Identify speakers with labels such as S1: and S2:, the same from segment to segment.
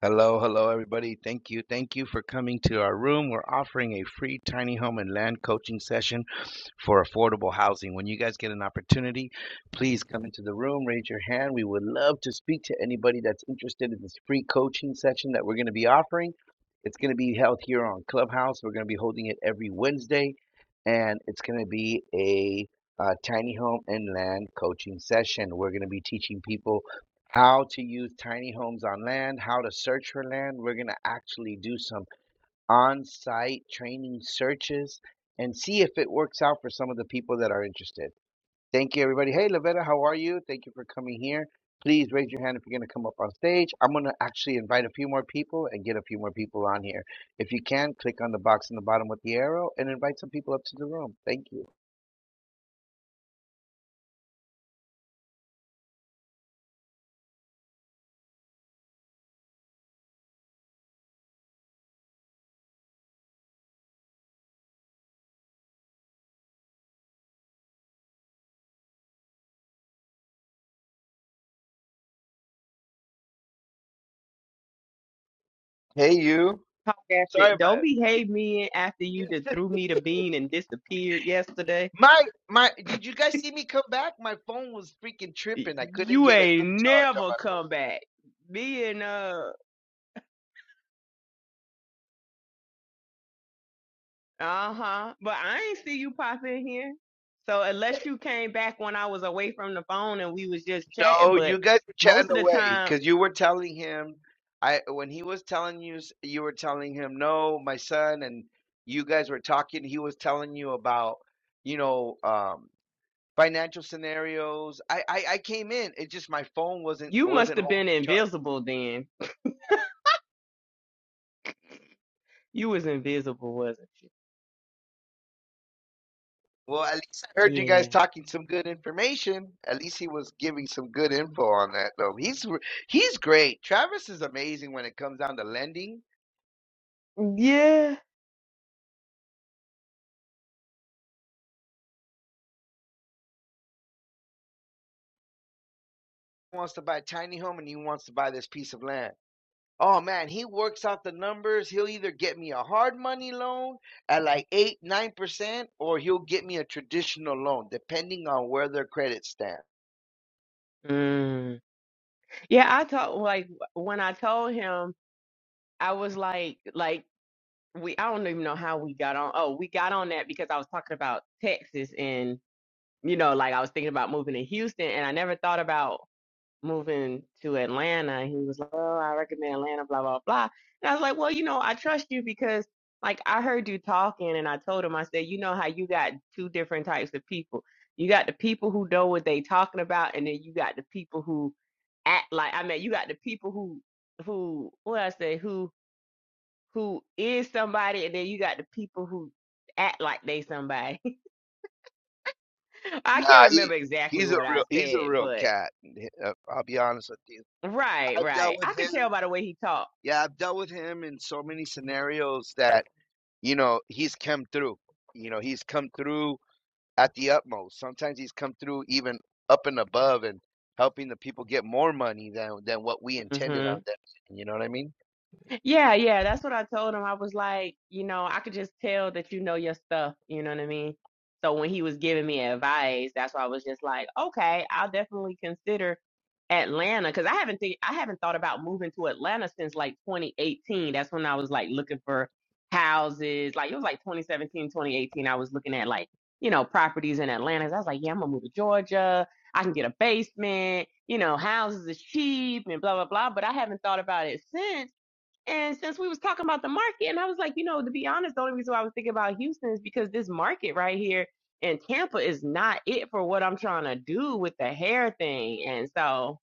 S1: Hello, hello, everybody. Thank you. Thank you for coming to our room. We're offering a free tiny home and land coaching session for affordable housing. When you guys get an opportunity, please come into the room, raise your hand. We would love to speak to anybody that's interested in this free coaching session that we're going to be offering. It's going to be held here on Clubhouse. We're going to be holding it every Wednesday, and it's going to be a uh, tiny home and land coaching session. We're going to be teaching people how to use tiny homes on land, how to search for land. We're going to actually do some on site training searches and see if it works out for some of the people that are interested. Thank you, everybody. Hey, Lavetta, how are you? Thank you for coming here. Please raise your hand if you're going to come up on stage. I'm going to actually invite a few more people and get a few more people on here. If you can, click on the box in the bottom with the arrow and invite some people up to the room. Thank you. Hey, you.
S2: talk after.
S1: Sorry about
S2: Don't behave me after
S1: it.
S2: you that threw me the bean and disappeared yesterday.
S1: My my did you guys see me come back? My phone was freaking tripping. I couldn't
S2: You
S1: get a good
S2: ain't
S1: charge on
S2: never
S1: my phone.
S2: come back. Me and uh, uh huh. But I ain't see you pop in here. So unless you came back when I was away from the phone and we was just chatting,
S1: No,
S2: but
S1: you guys were chatting
S2: most of the
S1: away
S2: time
S1: because you were telling him I when he was telling you s- you were telling him no, my son, and you guys were talking, he was telling you about, you know, um financial scenarios. I I, I came in. It just my phone wasn't
S2: you must
S1: wasn't
S2: have
S1: holding
S2: been
S1: charge.
S2: invisible then. You was invisible, wasn't you?
S1: Well, at least I heard you
S2: Yeah.
S1: guys talking some good information. At least he was giving some good info on that, though. He's he's great. Travis is amazing when it comes down to lending.
S2: Yeah.
S1: He wants to buy a tiny home and he wants to buy this piece of land. Oh man, he works out the numbers. He'll either get me a hard money loan at like eight, nine percent, or he'll get me a traditional loan, depending on where their credit stands.
S2: Mm. Yeah, I told like when I told him, I was like, like we I don't even know how we got on. Oh, we got on that because I was talking about Texas and you know, like I was thinking about moving to Houston and I never thought about moving to Atlanta. And He was like, Oh, I recommend Atlanta, blah, blah, blah. And I was like, Well, you know, I trust you because like I heard you talking and I told him, I said, you know how you got two different types of people. You got the people who know what they talking about and then you got the people who act like I mean you got the people who who what I say who who is somebody, and then you got the people who act like they somebody. I can't
S1: Nah, he
S2: remember exactly
S1: he's a
S2: what I
S1: real he's a
S2: said,
S1: real
S2: but
S1: cat. Uh, I'll be honest with you.
S2: right,
S1: I've
S2: right.
S1: dealt with
S2: I could
S1: him.
S2: tell by the way he talked.
S1: Yeah, I've dealt with him in so many scenarios that, you know, he's come through. You know, he's come through at the utmost. Sometimes he's come through even up and above and helping the people get more money than than what we intended
S2: hmm
S1: on them. You know what I mean?
S2: Yeah, yeah, that's what I told him. I was like, you know, I could just tell that you know your stuff, you know what I mean? So when he was giving me advice, that's why I was just like, okay, I'll definitely consider Atlanta because I haven't think I haven't thought about moving to Atlanta since like 2018. That's when I was like looking for houses. Like it was like 2017, 2018. I was looking at like, you know, properties in Atlanta. 'Cause I was like, yeah, I'm gonna move to Georgia. I can get a basement, you know, houses is cheap and blah blah blah. But I haven't thought about it since. And since we was talking about the market, and I was like, you know, to be honest, the only reason why I was thinking about Houston is because this market right here in Tampa is not it for what I'm trying to do with the hair thing. And so,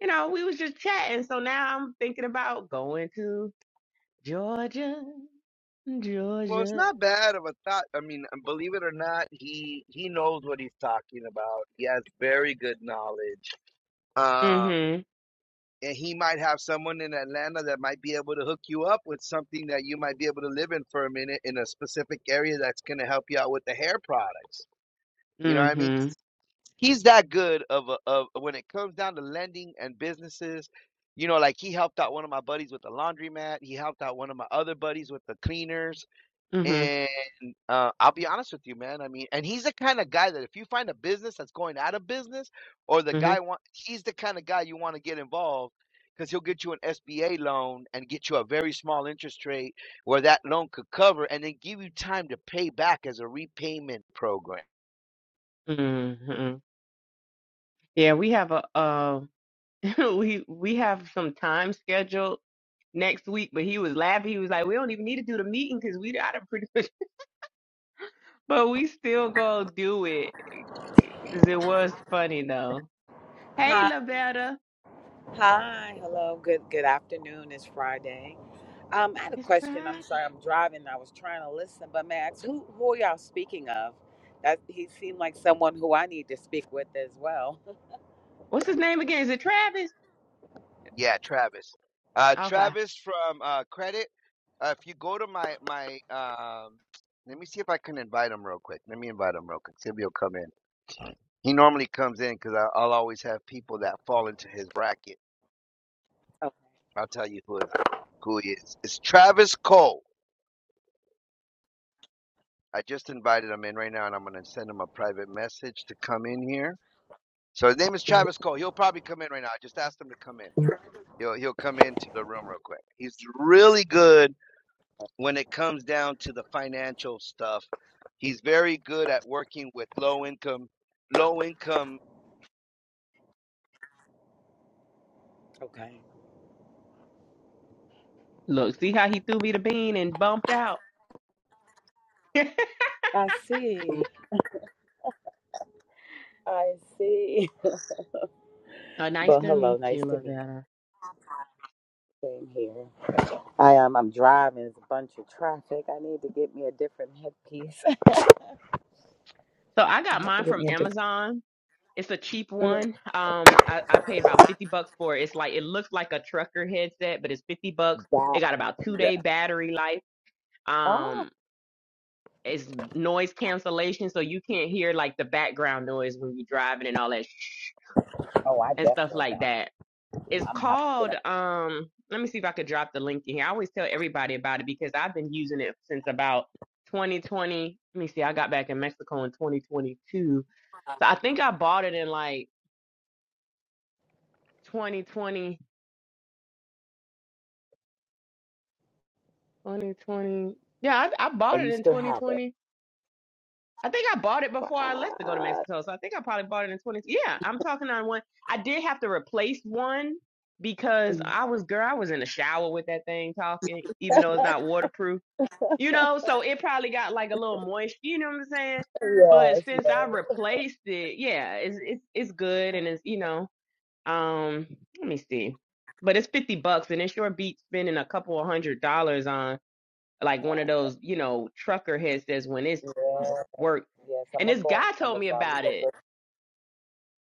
S2: you know, we was just chatting. So now I'm thinking about going to Georgia,
S1: Well, it's
S2: Georgia.
S1: not bad of a thought. I mean, uh, believe it or not, he he knows what he's talking about. He has very good knowledge. Uh,
S2: Mhm.
S1: and he might have someone in Atlanta that might be able to hook you up with something that you might be able to live in for a minute in a specific area that's going to help you out with the hair products. You know what I mean?
S2: Mhm.
S1: He's that good of a, of when it comes down to lending and businesses. You know, like he helped out one of my buddies with the laundromat. He helped out one of my other buddies with the cleaners
S2: Mhm.
S1: and uh, I'll be honest with you, man. I mean, and he's the kind of guy that if you find a business that's going out of business, or the
S2: Mhm.
S1: guy want, he's the kind of guy you want to get involved because he'll get you an SBA loan and get you a very small interest rate where that loan could cover, and then give you time to pay back as a repayment program.
S2: Mhm. Yeah, we have a um we we have some time scheduled next week, but he was laughing. He was like, "We don't even need to do the meeting because we got it pretty much." But we still gonna do it 'cause it was funny though. Hey,
S3: Hi,
S2: Lavetta,
S3: hi, hello, good good afternoon. It's Friday. Um, I had a
S2: it's
S3: question. I'm
S2: Friday.
S3: sorry, I'm driving. I was trying to listen, but Max, who who are y'all speaking of? That he seemed like someone who I need to speak with as well.
S2: What's his name again? Is it Travis?
S1: Yeah, Travis. Uh,
S2: Okay.
S1: Travis from uh, Credit. Uh, if you go to my my, um, let me see if I can invite him real quick. Let me invite him real quick. See if he'll come in. He normally comes in because I'll always have people that fall into his bracket.
S3: Oh,
S1: I'll tell you who is who he is. It's Travis Cole. I just invited him in right now, and I'm going to send him a private message to come in here. So his name is Travis Cole. He'll probably come in right now. I just asked him to come in. He'll he'll come into the room real quick. He's really good when it comes down to the financial stuff. He's very good at working with low income low income
S3: okay.
S2: Look, see how he threw me the bean and bumped out.
S3: I see. I see.
S2: Oh, nice
S3: Well,
S2: to
S3: hello,
S2: meet
S3: nice
S2: you,
S3: to meet
S2: Lavetta.
S3: you. Same here. I um I'm driving, there's a bunch of traffic. I need to get me a different headpiece. I
S2: So I got
S3: have to
S2: mine
S3: get
S2: from
S3: me a different
S2: Amazon. It's a cheap
S3: Mhm.
S2: one. Um, I, I paid about fifty bucks for it. It's like it looks like a trucker headset, but it's fifty bucks. It
S3: that.
S2: got about two day
S3: Yeah.
S2: battery life.
S3: Oh,
S2: Um, it's noise cancellation, so you can't hear like the background noise when you're driving and all that shh
S3: oh, I
S2: and stuff
S3: definitely
S2: like
S3: got.
S2: that. It's
S3: I'm gonna have to get
S2: called.
S3: up.
S2: Um, let me see if I could drop the link in here. I always tell everybody about it because I've been using it since about 2020. Let me see. I got back in Mexico in 2022, so I think I bought it in like 2020. 2020. Yeah, I, I bought
S3: And
S2: it
S3: you
S2: in
S3: still have it.
S2: 2020. I think I bought it before I left to go to
S3: Right.
S2: Mexico. So I think I probably bought it in 20. Yeah, I'm talking on one. I did have to replace one because I was, girl, I was in the shower with that thing talking, even though it's not waterproof, you know? So it probably got like a little moist, you know what I'm saying? But
S3: Yes, yes,
S2: since I replaced it, yeah, it's, it's, it's good. And it's, you know, um, let me see. But it's 50 bucks and it sure beats spending a couple of hundred dollars on like one
S3: uh,
S2: of those, you know, trucker heads says when it's
S3: yes,
S2: work.
S3: yes. I'm
S2: And
S3: gonna
S2: this
S3: go on
S2: guy told me
S3: Amazon
S2: about
S3: because
S2: it.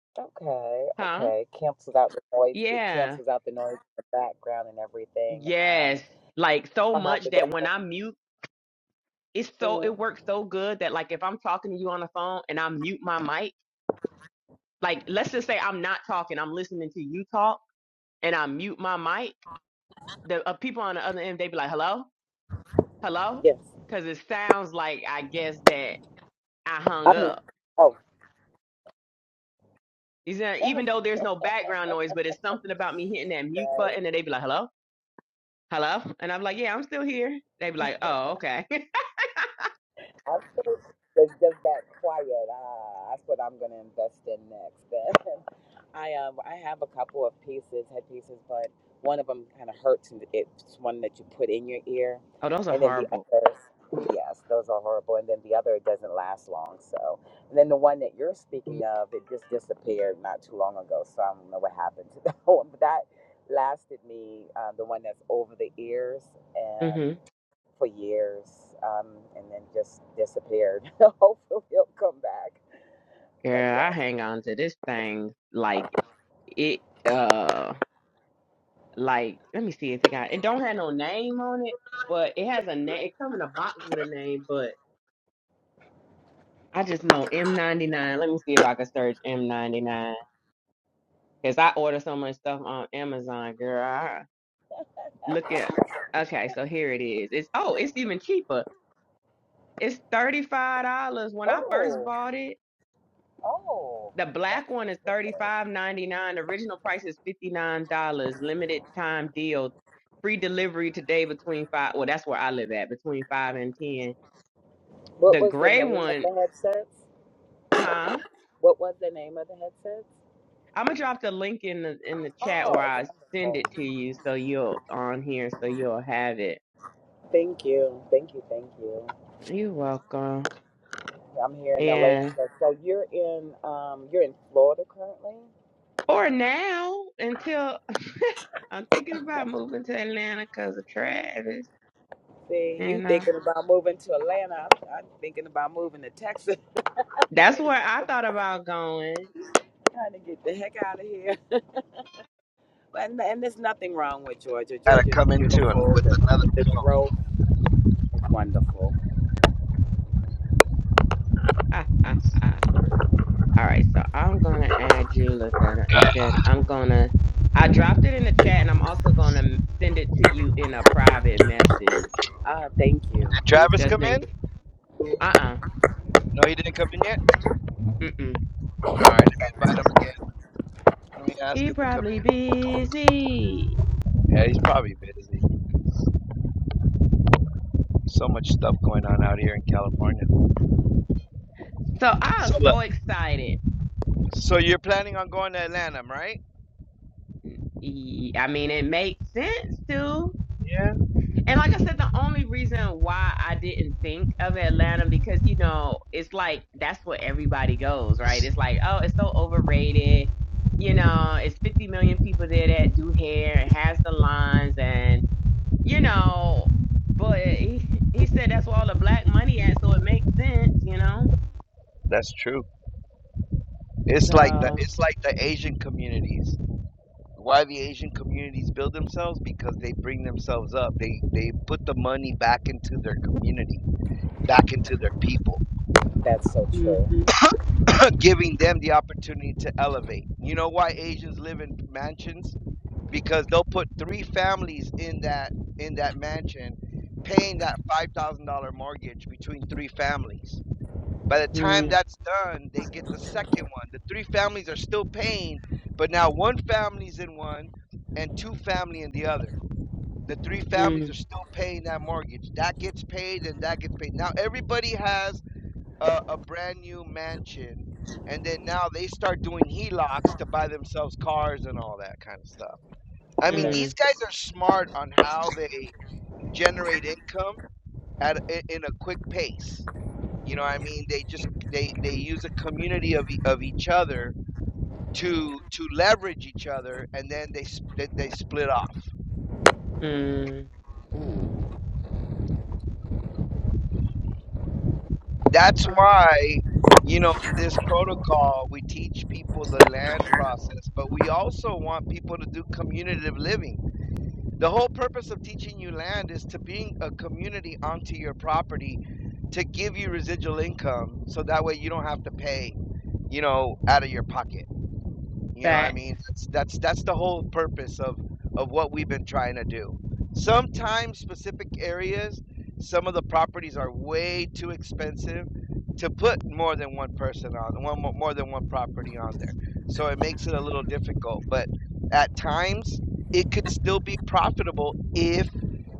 S3: it's, okay,
S2: Huh?
S3: okay. Cancels out the noise. It
S2: Yeah.
S3: cancels out the noise in the background and everything. Um,
S2: Yes. Like so
S3: I have
S2: much
S3: to.
S2: that when I mute, it's so
S3: Mm-hmm.
S2: it works so good that like if I'm talking to you on the phone and I mute my mic, like let's just say I'm not talking, I'm listening to you talk and I mute my mic, the uh, people on the other end they be like, "Hello? Hello?"
S3: Yes,
S2: cuz it sounds like I guess that I
S3: I
S2: hung
S3: do.
S2: up
S3: Oh,
S2: You see,
S3: yeah.
S2: even though there's no background noise, but it's something about me hitting that
S3: yeah,
S2: mute button and they be like, hello, hello. And I'm like, yeah, I'm still here. they be like, oh, okay.
S3: I think It's just that quiet. Ah, that's what I'm gonna invest in next. I um I have a couple of pieces, headpieces, but one of them kind of hurts. and It's one that you put in your ear,
S2: oh, those are
S3: and then the
S2: horrible.
S3: others, yes, those are horrible. And then the other doesn't last long. So, and then the one that you're speaking of, it just disappeared not too long ago. So I don't know what happened to that one, but that lasted me um, the one that's over the ears and
S2: hmm
S3: for years, um, and then just disappeared. Hopefully, it'll come back. But
S2: Girl, I
S3: yes.
S2: hang on to this thing like it, uh, like, let me see if it got, it don't have no name on it, but it has a name. It come in a box with a name, but I just know M99. Let me see if I can search M99 because I order so much stuff on Amazon, girl. Look at okay, so here it is. It's oh, it's even cheaper. It's thirty five dollars. When I first
S3: Oh,
S2: bought it,
S3: oh.
S2: the black one is thirty five ninety nine. The original price is fifty nine dollars. Limited time deal. Free delivery today between five. Well, that's where I live at between five and ten.
S3: What
S2: The
S3: was the
S2: gray
S3: name of
S2: one,
S3: the headsets?
S2: huh?
S3: What was the name of the headsets?
S2: I'm gonna drop the link in the in the chat
S3: Oh,
S2: or I send
S3: wonderful.
S2: it to you so you'll on here so you'll have it.
S3: Thank you. Thank you. Thank you.
S2: You're welcome.
S3: I'm here in
S2: Yeah.
S3: Atlanta. So you're in um you're in Florida currently?
S2: Or now until I'm thinking about moving to Atlanta because of Travis.
S3: See, you
S2: And uh,
S3: thinking about moving to Atlanta. I'm, I'm thinking about moving to Texas.
S2: that's
S3: Getting
S2: where
S3: out-
S2: I thought about going.
S3: trying to get the heck out of here. But and and there's nothing wrong with Georgia.
S4: Gotta
S3: Georgia is
S4: come in and
S3: beautiful.
S4: with
S3: The
S4: another
S3: the
S4: song.
S3: growth is wonderful.
S2: All right, so I'm gonna add you, Lavetta, and then I'm gonna. I dropped it in the chat, and I'm also gonna send it to you in a private message,
S3: Ah, thank you.
S4: Did
S3: Thank you.
S4: Travis
S2: just
S4: come
S3: Thank
S2: in.
S4: in?
S2: c-
S3: you.
S2: Uh-uh.
S4: No, he didn't come in yet?
S2: Mm-mm.
S4: Alright, let me invite him again. Let me ask
S2: He
S4: him to come
S2: probably busy.
S4: in. Yeah, he's probably busy. So much stuff going on out here in California.
S2: So I'm
S4: So look,
S2: so excited.
S4: so you're planning on going to Atlanta, right?
S2: Ye- I mean, it makes sense too
S4: Yeah.
S2: And like I said, the only reason why I didn't think of Atlanta because you know it's like that's where everybody goes, right? It's like oh, it's so overrated. You know, it's 50 million people there that do hair and has the lines, and you know. But he, he said that's where all the black money at, so it makes sense, you know.
S4: That's true. It's like the
S2: So,
S4: it's like the Asian communities. Why the Asian communities build themselves? Because they bring themselves up. They they put the money back into their community, back into their people.
S3: That's so true.
S2: mm-hmm,
S4: giving them the opportunity to elevate. You know why Asians live in mansions? Because they'll put three families in that in that mansion, paying that five thousand dollar mortgage between three families. By the time
S2: mm,
S4: that's done, they get the second one. The three families are still paying, but now one family's in one and two family in the other. The three families are
S2: mm,
S4: still paying that mortgage. That gets paid and that gets paid. Now everybody has a, a brand new mansion, and then now they start doing HELOCs to buy themselves cars and all that kind of stuff. I mean,
S3: Yeah.
S4: these
S2: mm,
S4: guys are smart on how they generate income at in a quick pace. You know, what I mean, they just they they use a community of e- of each other to to leverage each other, and then they they, they split off.
S2: mm.
S3: Mm.
S4: That's
S2: Okay.
S4: why. You know, this protocol, we teach people the land process, but we also want people to do community living The whole purpose of teaching you land is to bring a community onto your property to give you residual income so that way you don't have to pay, you know, out of your pocket. You know what I
S2: That.
S4: mean? That's that's that's the whole purpose of of what we've been trying to do. Sometimes specific areas, some of the properties are way too expensive to put more than one person on, one mo- more than one property on there. So it makes it a little difficult, but at times it could still be profitable if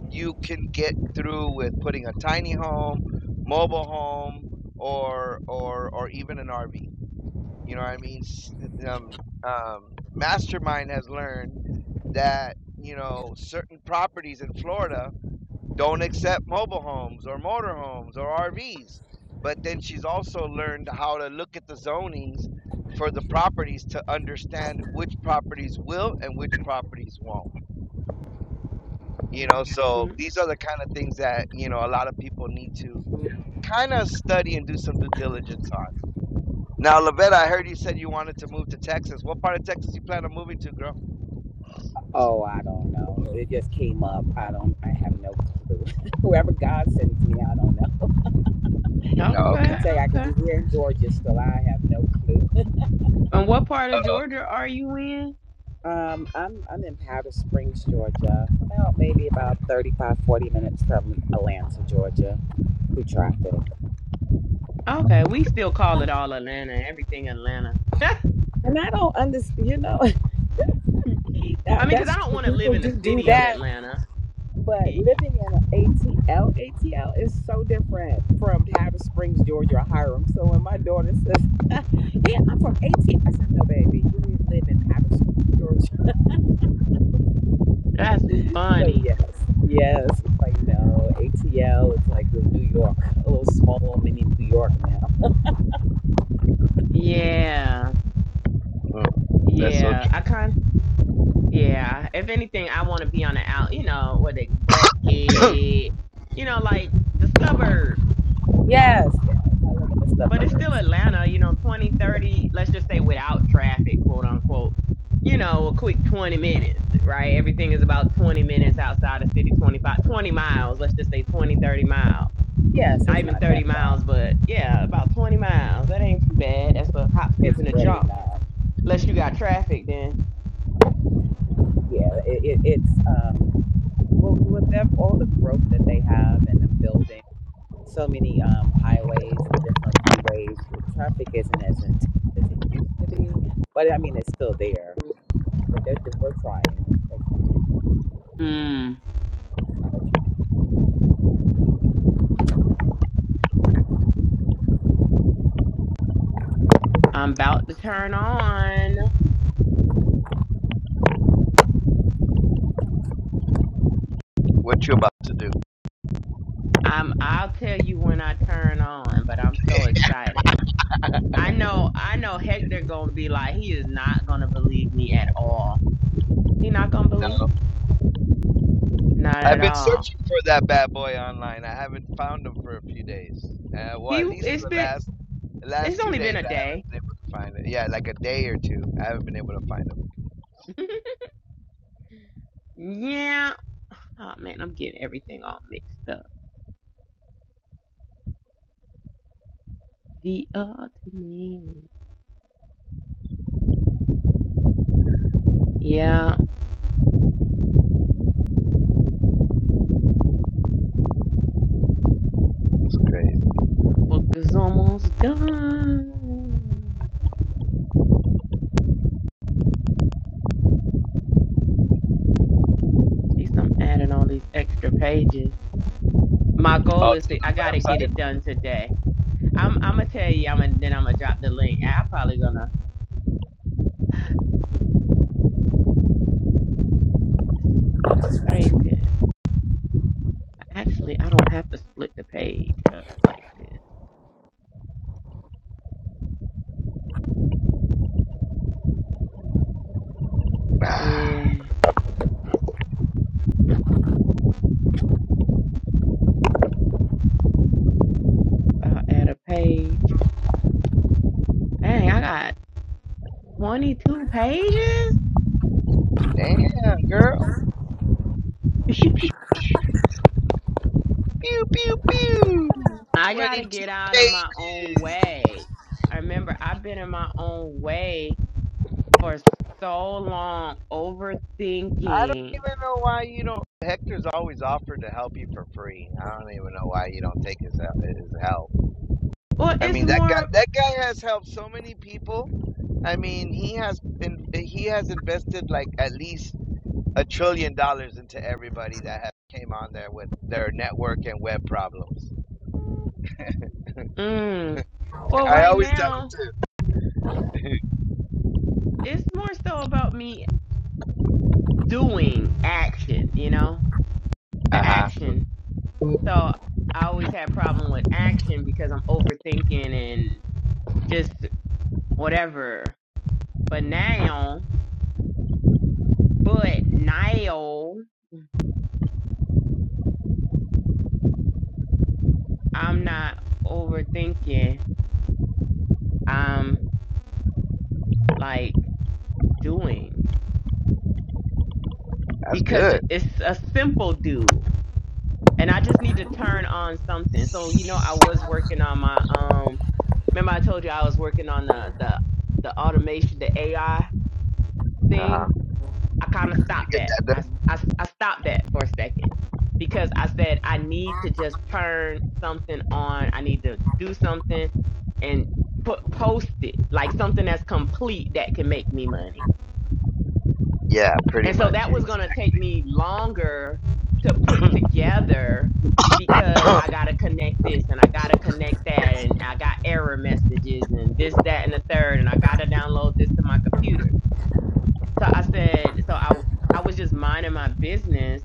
S4: you can get through with putting a tiny home, mobile home, or or or even an RV. You know what I mean? S- Um, um, Mastermind has learned that you know certain properties in Florida don't accept mobile homes or motorhomes or RVs. But then she's also learned how to look at the zonings for the properties to understand which properties will and which properties won't. You know,
S2: Mm-hmm.
S4: so these are the kind of things that you know a lot of people need to kind of study and do some due diligence on. Now, Lavette, I heard you said you wanted to move to Texas. What part of Texas you plan on moving to, girl?
S3: Oh, I don't know. It just came up. I don't. I have no clue. Whoever God sends me, I don't know.
S4: Oh,
S3: Could be
S2: Okay.
S4: okay.
S3: Tay. I could
S2: Okay.
S3: be here in Georgia still. I have no clue.
S2: And what part of Georgia are you in?
S3: Um, I'm I'm in Powder Springs, Georgia. Well, maybe about 35, 40 minutes from Atlanta, Georgia, through traffic.
S2: Okay, we still call it all Atlanta, everything Atlanta. I
S3: And I don't understand. You know,
S2: mean,
S3: that,
S2: because I
S3: that's
S2: don't
S3: true.
S2: want to live
S3: people
S2: in the
S3: do do
S2: city of
S3: that.
S2: Atlanta.
S3: But
S2: E- e-
S3: living in an ATL, ATL is so different from Hatter Springs, Georgia, or Hiram. So when my daughter says, "Yeah, I'm from ATL," I said, "No, baby, you live in Hatter Springs, Georgia."
S2: That's
S3: So
S2: funny.
S3: yes, yes, it's like no ATL. It's like the New York, a little small, little mini New York now.
S2: Yeah,
S4: Mm, that's so
S2: yeah.
S4: true.
S2: I kind yeah. If anything, I want to be on the out, you know, what they
S3: But
S2: Buckhead, you know, like the suburbs.
S3: Yes, yes, I live in the
S2: but it's still
S3: suburbs.
S2: Atlanta, you know, Twenty, thirty, let's just say without traffic, quote unquote, you know, a quick 20 minutes, right? Everything is about 20 minutes outside the city, 25, 20 miles, let's just say 20, 30 miles.
S3: Yes,
S2: Not
S3: it's
S2: even
S3: not that
S2: 30
S3: far.
S2: miles, but yeah, about 20 miles. That ain't too bad. That's a hop, skip,
S3: It's
S2: and a
S3: really
S2: jump.
S3: not.
S2: Unless you got traffic, then.
S3: Yeah, it, it, it's um. Well, with that, all the growth that they have and them building. so many um, highways and different freeways. The traffic isn't as intense as it used to be, but I mean, it's still there. But they're, they we're trying. They're trying.
S2: Hmm.
S3: They are trying.
S2: I'm about to turn on.
S4: What you about to do?
S2: I'm, I'll tell you when I turn on, but I'm so excited. I know, I know Hector gonna be like, he is not gonna believe me at all. He not gonna believe
S4: No.
S2: me. Not
S4: I've
S2: at
S4: been
S2: all.
S4: searching for that bad boy online. I haven't found him for a few days. Uh, well,
S2: He
S4: at least for
S2: it's
S4: the
S2: been
S4: last the
S2: it's
S4: last two
S2: only been
S4: days,
S2: a
S4: I
S2: day.
S4: haven't been able to find it. Yeah, like a day or two, I haven't been able to find him.
S2: yeah. Oh man, I'm getting everything all mixed up. The ultimate. Yeah,
S4: It's crazy.
S2: my book is almost done. At least I'm adding all these extra pages. My goal
S4: Oh,
S2: is
S4: to
S2: to I
S4: the
S2: gotta get
S4: website?
S2: it done today. I'm I'm gonna tell you I'm gonna then I'm gonna drop the link. I probably gonna This is frustrating. Actually, I don't have to split the page up like this. And I'll add a page. Dang, I got 22 pages?
S4: Damn, girl. Pew pew pew.
S2: I gotta get
S4: Twenty-two
S2: out of my own
S4: pages.
S2: way. I remember I've been in my own way for so long,
S4: I don't
S2: overthinking.
S4: even know why you don't. Hector's always offered to help you for free. I don't even know why you don't take his his help.
S2: Well,
S4: I
S2: it's
S4: mean, that guy
S2: more,
S4: that guy has helped so many people. I mean, he has been he has invested like at least a trillion dollars into everybody that has came on there with their network and web problems.
S2: mm, well,
S4: I
S2: right
S4: always tell him,
S2: now, it's more so about me doing action, you know, the
S4: uh huh,
S2: action. So I always had problem with action because I'm overthinking and just whatever. But now, but now, I'm not overthinking. I'm like doing
S4: that's
S2: because
S4: good.
S2: it's a simple do. And I just need to turn on something. So, you know, I was working on my um remember I told you I was working on the the the automation, the AI
S4: Uh
S2: thing
S4: huh.
S2: I kind of
S4: Did You
S2: stopped
S4: get
S2: that.
S4: that
S2: I,
S4: done?
S2: I, I stopped that for a second because I said, I need to just turn something on. I need to do something and put, post it like something that's complete that can make me money.
S4: Yeah, pretty
S2: And so
S4: much.
S2: that was going to
S4: Exactly.
S2: take me longer to put together because I got to connect this and I got to connect that and I got error messages and this, that, and the third. And I got to download this to my computer. So I said, so I, I was just minding my business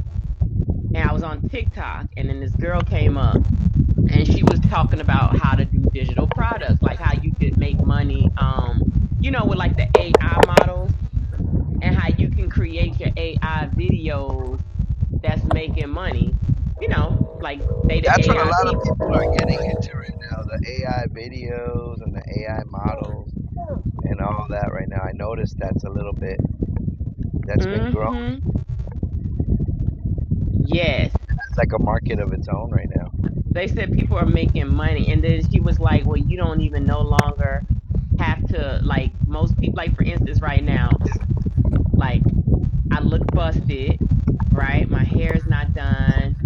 S2: and I was on TikTok, and then this girl came up and she was talking about how to do digital products, like how you could make money, um, you know, with like the AI models and how you can create your AI videos that's making money, you know, like they the
S4: That's what a
S2: AI
S4: lot of
S2: people.
S4: people are getting into right now. The AI videos and the AI models and all that right now. I noticed that's a little bit that's been growing.
S2: Mm-hmm. Yes.
S4: It's like a market of its own right now.
S2: They said people are making money. And then she was like, well, you don't even no longer have to like most people like for instance right now, like." I look busted, right? My hair is not done.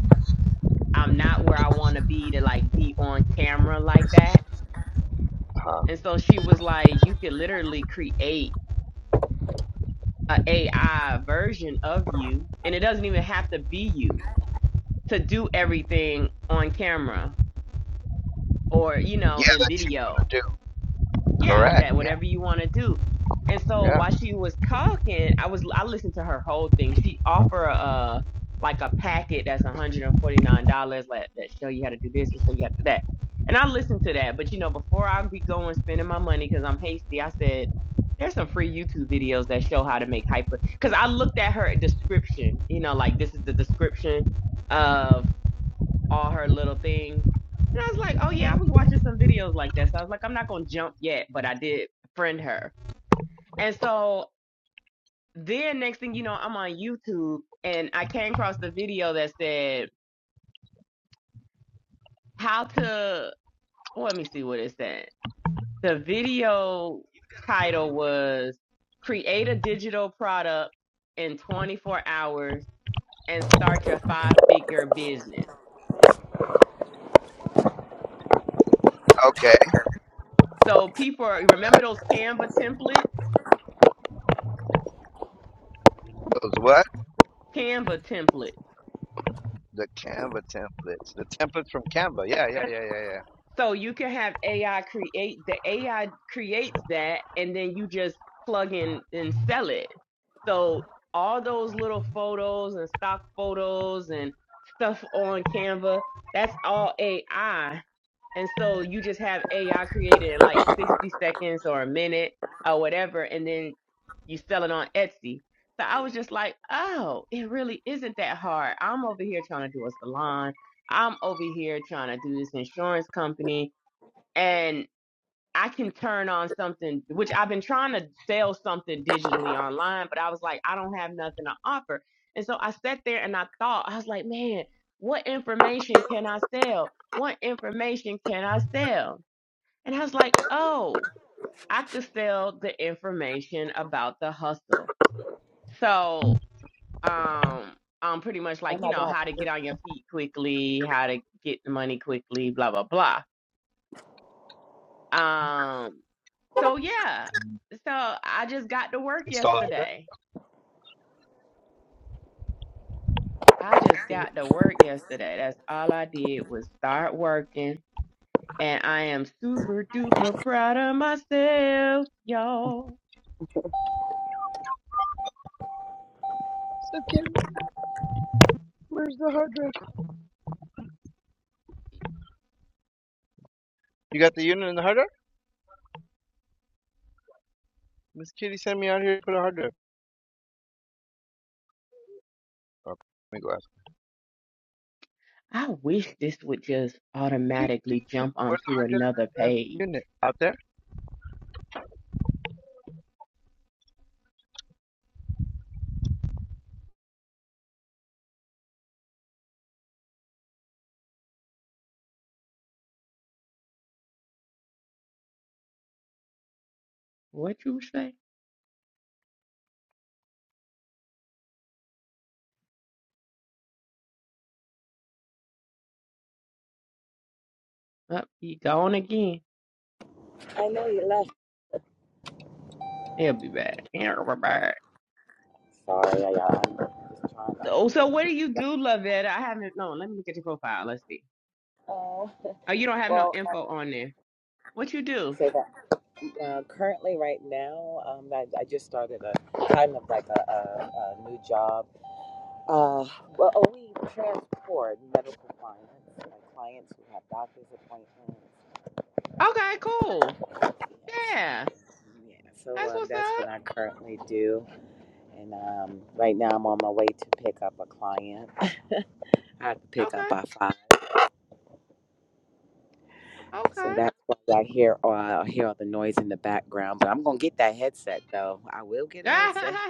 S2: I'm not where I want to be to like be on camera like that.
S4: Huh.
S2: And so she was like, you could literally create a AI version of you, and it doesn't even have to be you to do everything on camera or you know
S4: Yeah,
S2: in
S4: that you
S2: video.
S4: want to do.
S2: yeah,
S4: Correct.
S2: that
S4: Yeah.
S2: whatever you want to do. And so
S4: Yeah.
S2: while she was talking, I was I listened to her whole thing. She offer a uh, like a packet that's $149 like, that show you how to do this and show you how to do that. And I listened to that, but you know, before I be going spending my money because I'm hasty, I said there's some free YouTube videos that show how to make hyper. Because I looked at her description, you know, like this is the description of all her little things. And I was like, oh yeah, I was watching some videos like that. So I was like, I'm not gonna jump yet, but I did friend her. And so then next thing you know, I'm on YouTube and I came across the video that said how to well, let me see what it said. The video title was Create a Digital Product in 24 Hours and Start Your Five Figure Business.
S4: Okay.
S2: So people are- remember those Canva templates?
S4: Those what?
S2: Canva templates.
S4: The Canva templates. The templates from Canva. Yeah, yeah, yeah, yeah, yeah.
S2: So you can have AI create the AI creates that and then you just plug in and sell it. So all those little photos and stock photos and stuff on Canva, that's all AI. And so you just have AI created in like 60 seconds or a minute or whatever and then you sell it on Etsy. So I was just like, "Oh, it really isn't that hard. I'm over here trying to do a salon. I'm over here trying to do this insurance company and I can turn on something, which I've been trying to sell something digitally online, but I was like, I don't have nothing to offer. And so I sat there and I thought, I was like, man, what information can I sell? What information can I sell? And I was like, oh, I could sell the information about the hustle. So, um, um, pretty much
S3: Oh
S2: like, you
S3: my
S2: know,
S3: God.
S2: how to get on your feet quickly, how to get the money quickly, blah, blah, blah. Um, So yeah. So I just got to work yesterday. I just got to work yesterday. That's all I did was start working. And I am super duper proud of myself, y'all.
S4: So Kim, where's the hard drive? You got the unit and the hard drive? Miss Kitty sent me out here to put a hard drive. Okay, let me go ask.
S2: I wish this would just
S4: Dude,
S2: automatically jump
S4: where's the
S2: onto
S4: hard
S2: another
S4: drive and
S2: page.
S4: the unit? Out there?
S2: What you say? Up, he gone again.
S3: I know you left.
S2: He'll be back. He'll be back.
S3: Sorry, I, uh, I'm just trying to.
S2: So, so what do you do, Lavetta? I haven't. No, let me look at your profile. Let's see.
S3: Oh,
S2: Oh, you don't have no
S3: well,
S2: info on there. What you
S3: I
S2: do?
S3: say that uh, currently, right now, um, I, I just started a kind of like a, a, a new job. Uh, well, oh, we transport medical clients, like clients who have doctor's appointments
S2: Okay, cool.
S3: Yes.
S2: Yeah,
S3: Yeah, so
S2: that's
S3: um,
S2: what's
S3: that's what
S2: up.
S3: I currently do. And um, right now I'm on my way to pick up a client. I have to pick up
S2: Okay,
S3: by five. So
S2: okay.
S3: that's why I hear, or I hear all the noise in the background. But I'm going to get that headset, though. I will get a headset.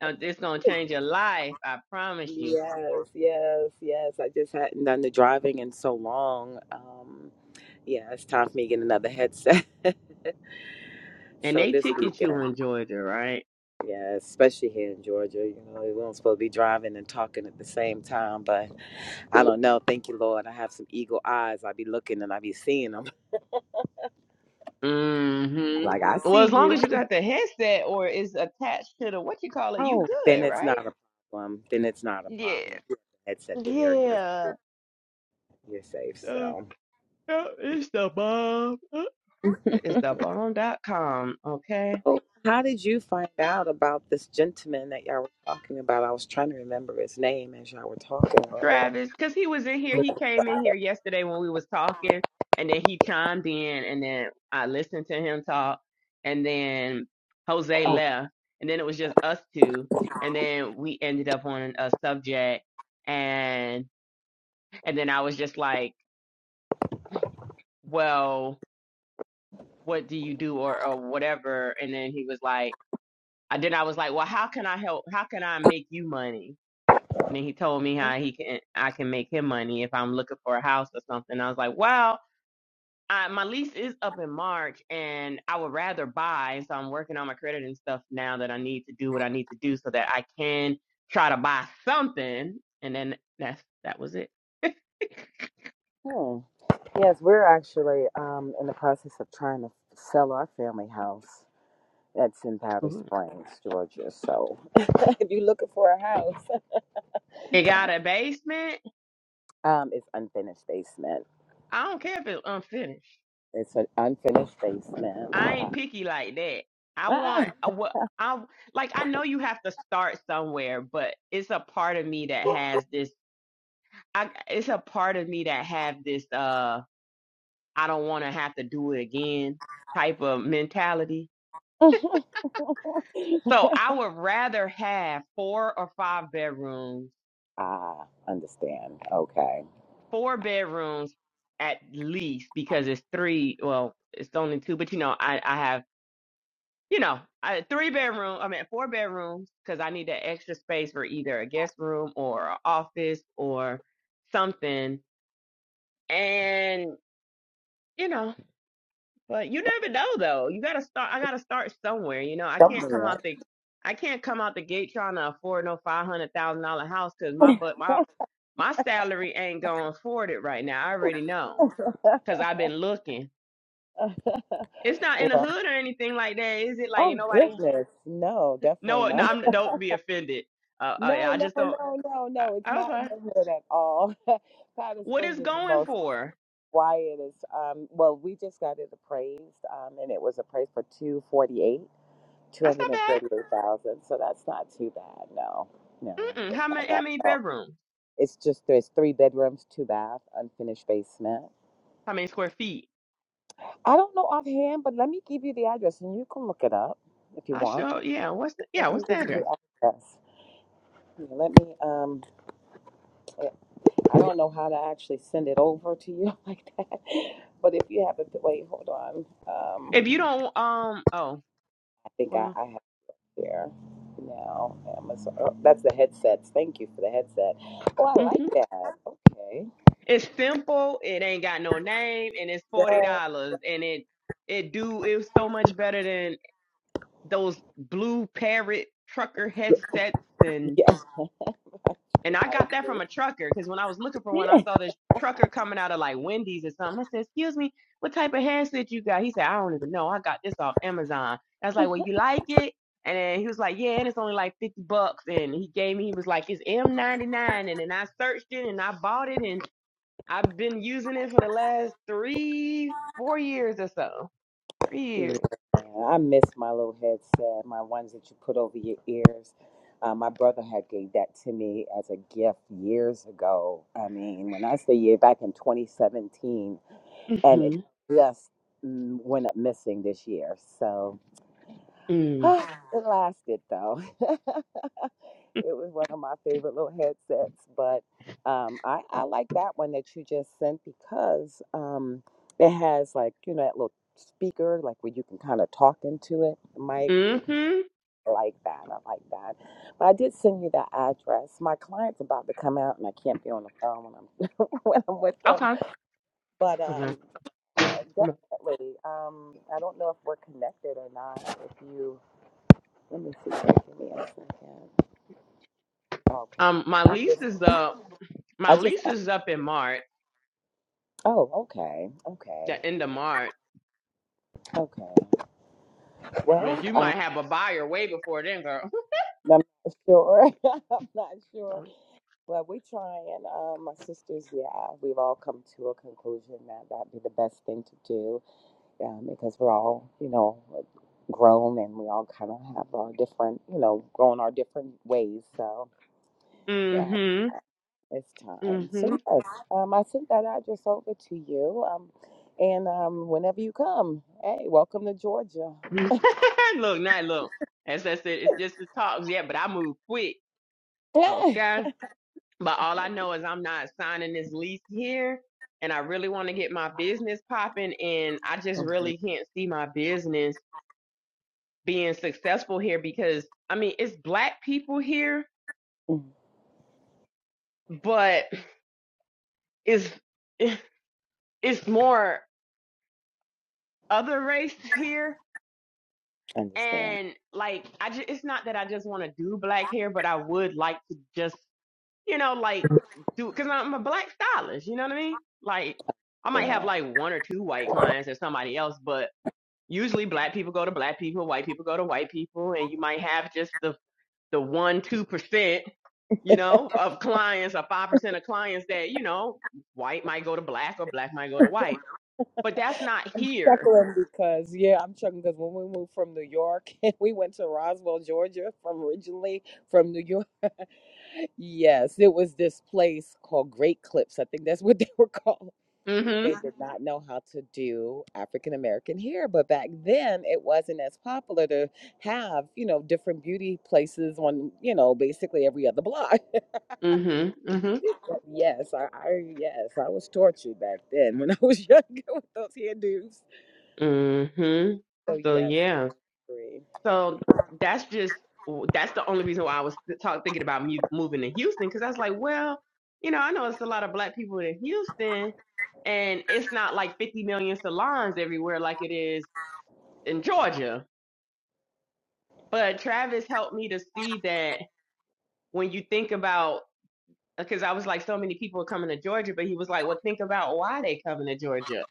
S2: Now, it's gonna change your life, I promise you.
S3: Yes, yes, yes. I just hadn't done the driving in so long. Um, yeah, it's time for me to get another headset.
S2: And
S3: so
S2: they
S3: this
S2: ticket you
S3: weekend,
S2: in Georgia, right?
S3: yeah, especially here in Georgia, you know, we weren't supposed to be driving and talking at the same time, but I don't know. Thank you, Lord. I have some eagle eyes. I be looking and I be seeing them.
S2: Mm-hmm.
S3: Like I
S2: Well,
S3: see
S2: as long
S3: you.
S2: as you got the headset or it's attached to the what you call it, you
S3: Oh, then
S2: good,
S3: it's
S2: right?
S3: not a problem. Then it's not a
S2: Yeah.
S3: problem. If you have a headset, then you're you're
S2: Yeah.
S3: you're safe.
S2: Uh,
S3: So,
S2: uh, it's the bomb. Uh, It's the bomb.com, okay?
S3: so how did you find out about this gentleman that y'all were talking about? I was trying to remember his name as y'all were talking earlier.
S2: Travis, because he was in here. He came in here yesterday when we was talking, and then he chimed in, and then I listened to him talk, and then Jose left, and then it was just us two, and then we ended up on a subject, and and then I was just like, well, what do you do, or or whatever, and then he was like, I then I was like, well, how can I help? How can I make you money? And then he told me how he can I can make him money if I'm looking for a house or something. I was like, wow. I, my lease is up in March, and I would rather buy. So I'm working on my credit and stuff now that I need to do what I need to do so that I can try to buy something. And then that's that was it.
S3: Hmm. Yes, we're actually um, in the process of trying to sell our family house. That's in Powder
S2: Mhm.
S3: Springs, Georgia. So, if you're looking for a house,
S2: It got a basement.
S3: um, it's unfinished basement.
S2: I don't care if it's unfinished.
S3: It's an unfinished basement.
S2: I ain't picky like that. I
S3: Ah,
S2: want uh, what I like. I know you have to start somewhere, but it's a part of me that has this. I it's a part of me that have this. Uh, I don't want to have to do it again type of mentality So I would rather have four or five bedrooms,
S3: ah, understand. Okay.
S2: four bedrooms at least, because it's three. Well, it's only two, but you know, I I have you know I, three bedroom. I mean, four bedrooms because I need that extra space for either a guest room or a office or something. And you know, but you never know though. You gotta start. I gotta start somewhere. You know, I can't come
S3: Somewhere.
S2: out the I can't come out the gate trying to afford no five hundred thousand dollar house because my butt, my my salary ain't going to afford it right now. I already know because I've been looking. It's not in the
S3: well,
S2: hood or anything like that, is it? Like you
S3: oh
S2: know, nobody?
S3: goodness, no, definitely
S2: No, no.
S3: not.
S2: I'm, don't be offended. Uh, uh,
S3: No,
S2: I
S3: no,
S2: just don't.
S3: no, no, no. It's
S2: Uh,
S3: not
S2: okay.
S3: neighborhood at all. Powder
S2: What is
S3: Springs is the
S2: going
S3: most
S2: for?
S3: quiet. It's, um, well, we just got it appraised, um, and it was appraised for two forty eight, two
S2: That's
S3: hundred
S2: not
S3: and
S2: bad.
S3: forty eight thousand. So that's not too bad. No, no,
S2: Mm-mm.
S3: it's
S2: How many?
S3: not
S2: How
S3: bad
S2: many
S3: at all.
S2: bedrooms?
S3: It's just there's three bedrooms, two bath, unfinished basement.
S2: How many square feet?
S3: I don't know offhand, but let me give you the address and you can look it up if you
S2: I
S3: want.
S2: show. Yeah. What's the? Yeah.
S3: Let me
S2: What's the
S3: give you
S2: address?
S3: the address. Here, Let me, um, eh, I don't know how to actually send it over to you like that, but if you have it, wait, hold on. Um,
S2: If you don't. Um. Oh.
S3: I think I,
S2: Well.
S3: I have it here now. Amazon. Oh, that's the headsets. Thank you for the headset. Oh, I
S2: hmm
S3: like that. Okay.
S2: It's simple. It ain't got no name, and it's forty
S3: Yeah.
S2: dollars, and it it do it was so much better than. those blue parrot trucker headsets and
S3: Yeah.
S2: and I
S3: I
S2: got that from a
S3: agree.
S2: trucker because when I was looking for one, I saw this trucker coming out of like Wendy's or something. I said, "Excuse me, what type of headset you got?" He said, "I don't even know. I got this off Amazon." I was like, "Well, you like it?" And then he was like, "Yeah, and it's only like fifty bucks." And he gave me, he was like, "It's M99," and then I searched it and I bought it and I've been using it for the last three, four years or so. Three
S3: Yeah,
S2: years.
S3: I miss my little headset, my ones that you put over your ears. Uh, my brother had gave that to me as a gift years ago. I mean, when I say year back in 2017, and it
S2: Mhm.
S3: just mm, went up missing this year. So
S2: Mm.
S3: it lasted though. it was one of my favorite little headsets, but um, I, I like that one that you just sent because um, it has like you know that little speaker, like where you can kind of talk into it, mic
S2: Mhm.
S3: like that. I like that. But I did send you that address. My client's about to come out, and I can't be on the phone when I'm when I'm with them.
S2: Okay.
S3: But um, uh, definitely. Um, I don't know if we're connected or not. If you let me see, give me a second. Okay.
S2: Um, my
S3: I
S2: lease
S3: just,
S2: is up. My
S3: I just.
S2: lease
S3: a-
S2: is up in March,
S3: Oh, okay, okay,
S2: the end of March.
S3: okay.
S2: Which you
S3: Um,
S2: might have a buyer way before then, girl.
S3: I'm not sure. I'm not sure. But we try and um, my sisters, yeah, we've all come to a conclusion that that'd be the best thing to do um, because we're all, you know, grown and we all kind of have our different, you know, grown our different ways. So, yeah,
S2: Mm-hmm.
S3: it's time. So,
S2: Mm-hmm.
S3: yes, um, I sent that address over to you. Um, and um, whenever you come, hey, welcome to Georgia.
S2: look, not look. As I said, it's just the talks. Yeah, but I move quick. Okay. But all I know is I'm not signing this lease here. And I really want to get my business popping. And I just
S3: Mhm.
S2: really can't see my business being successful here because I mean it's black people here,
S3: Mm.
S2: but it's it's more other race here
S3: Understand.
S2: and like i just it's not that i just want to do black hair but i would like to just you know like do because i'm a black stylist you know what i mean like i might have
S3: Yeah.
S2: like one or two white clients or somebody else but usually black people go to black people white people go to white people and you might have just the the one two percent you know of clients or five percent of clients that you know white might go to black or black might go to white but that's not here
S3: Chuckling because yeah, I'm chuckling because when we moved from New York, we went to Roswell, Georgia, from originally from New York. Yes, it was this place called Great Clips. I think that's what they were called.
S2: Mm-hmm.
S3: They Uh, did Uh-huh. not know how to do African American hair, but back then it wasn't as popular to have, you know, different beauty places on, you know, basically every other block.
S2: Mm-hmm. Mm-hmm.
S3: yes, I, I yes, I was tortured back then when I was younger with those hairdos.
S2: Mm-hmm.
S3: So
S2: So
S3: yes, I
S2: yeah.
S3: agree.
S2: So that's just that's the only reason why I was talk, thinking about mu- moving to Houston because I was like, well, you know, I know it's a lot of black people in Houston, and it's not like 50 million salons everywhere like it is in Georgia. But Travis helped me to see that when you think about because I was like, so many people are coming to Georgia, but he was like, well, think about why they coming to Georgia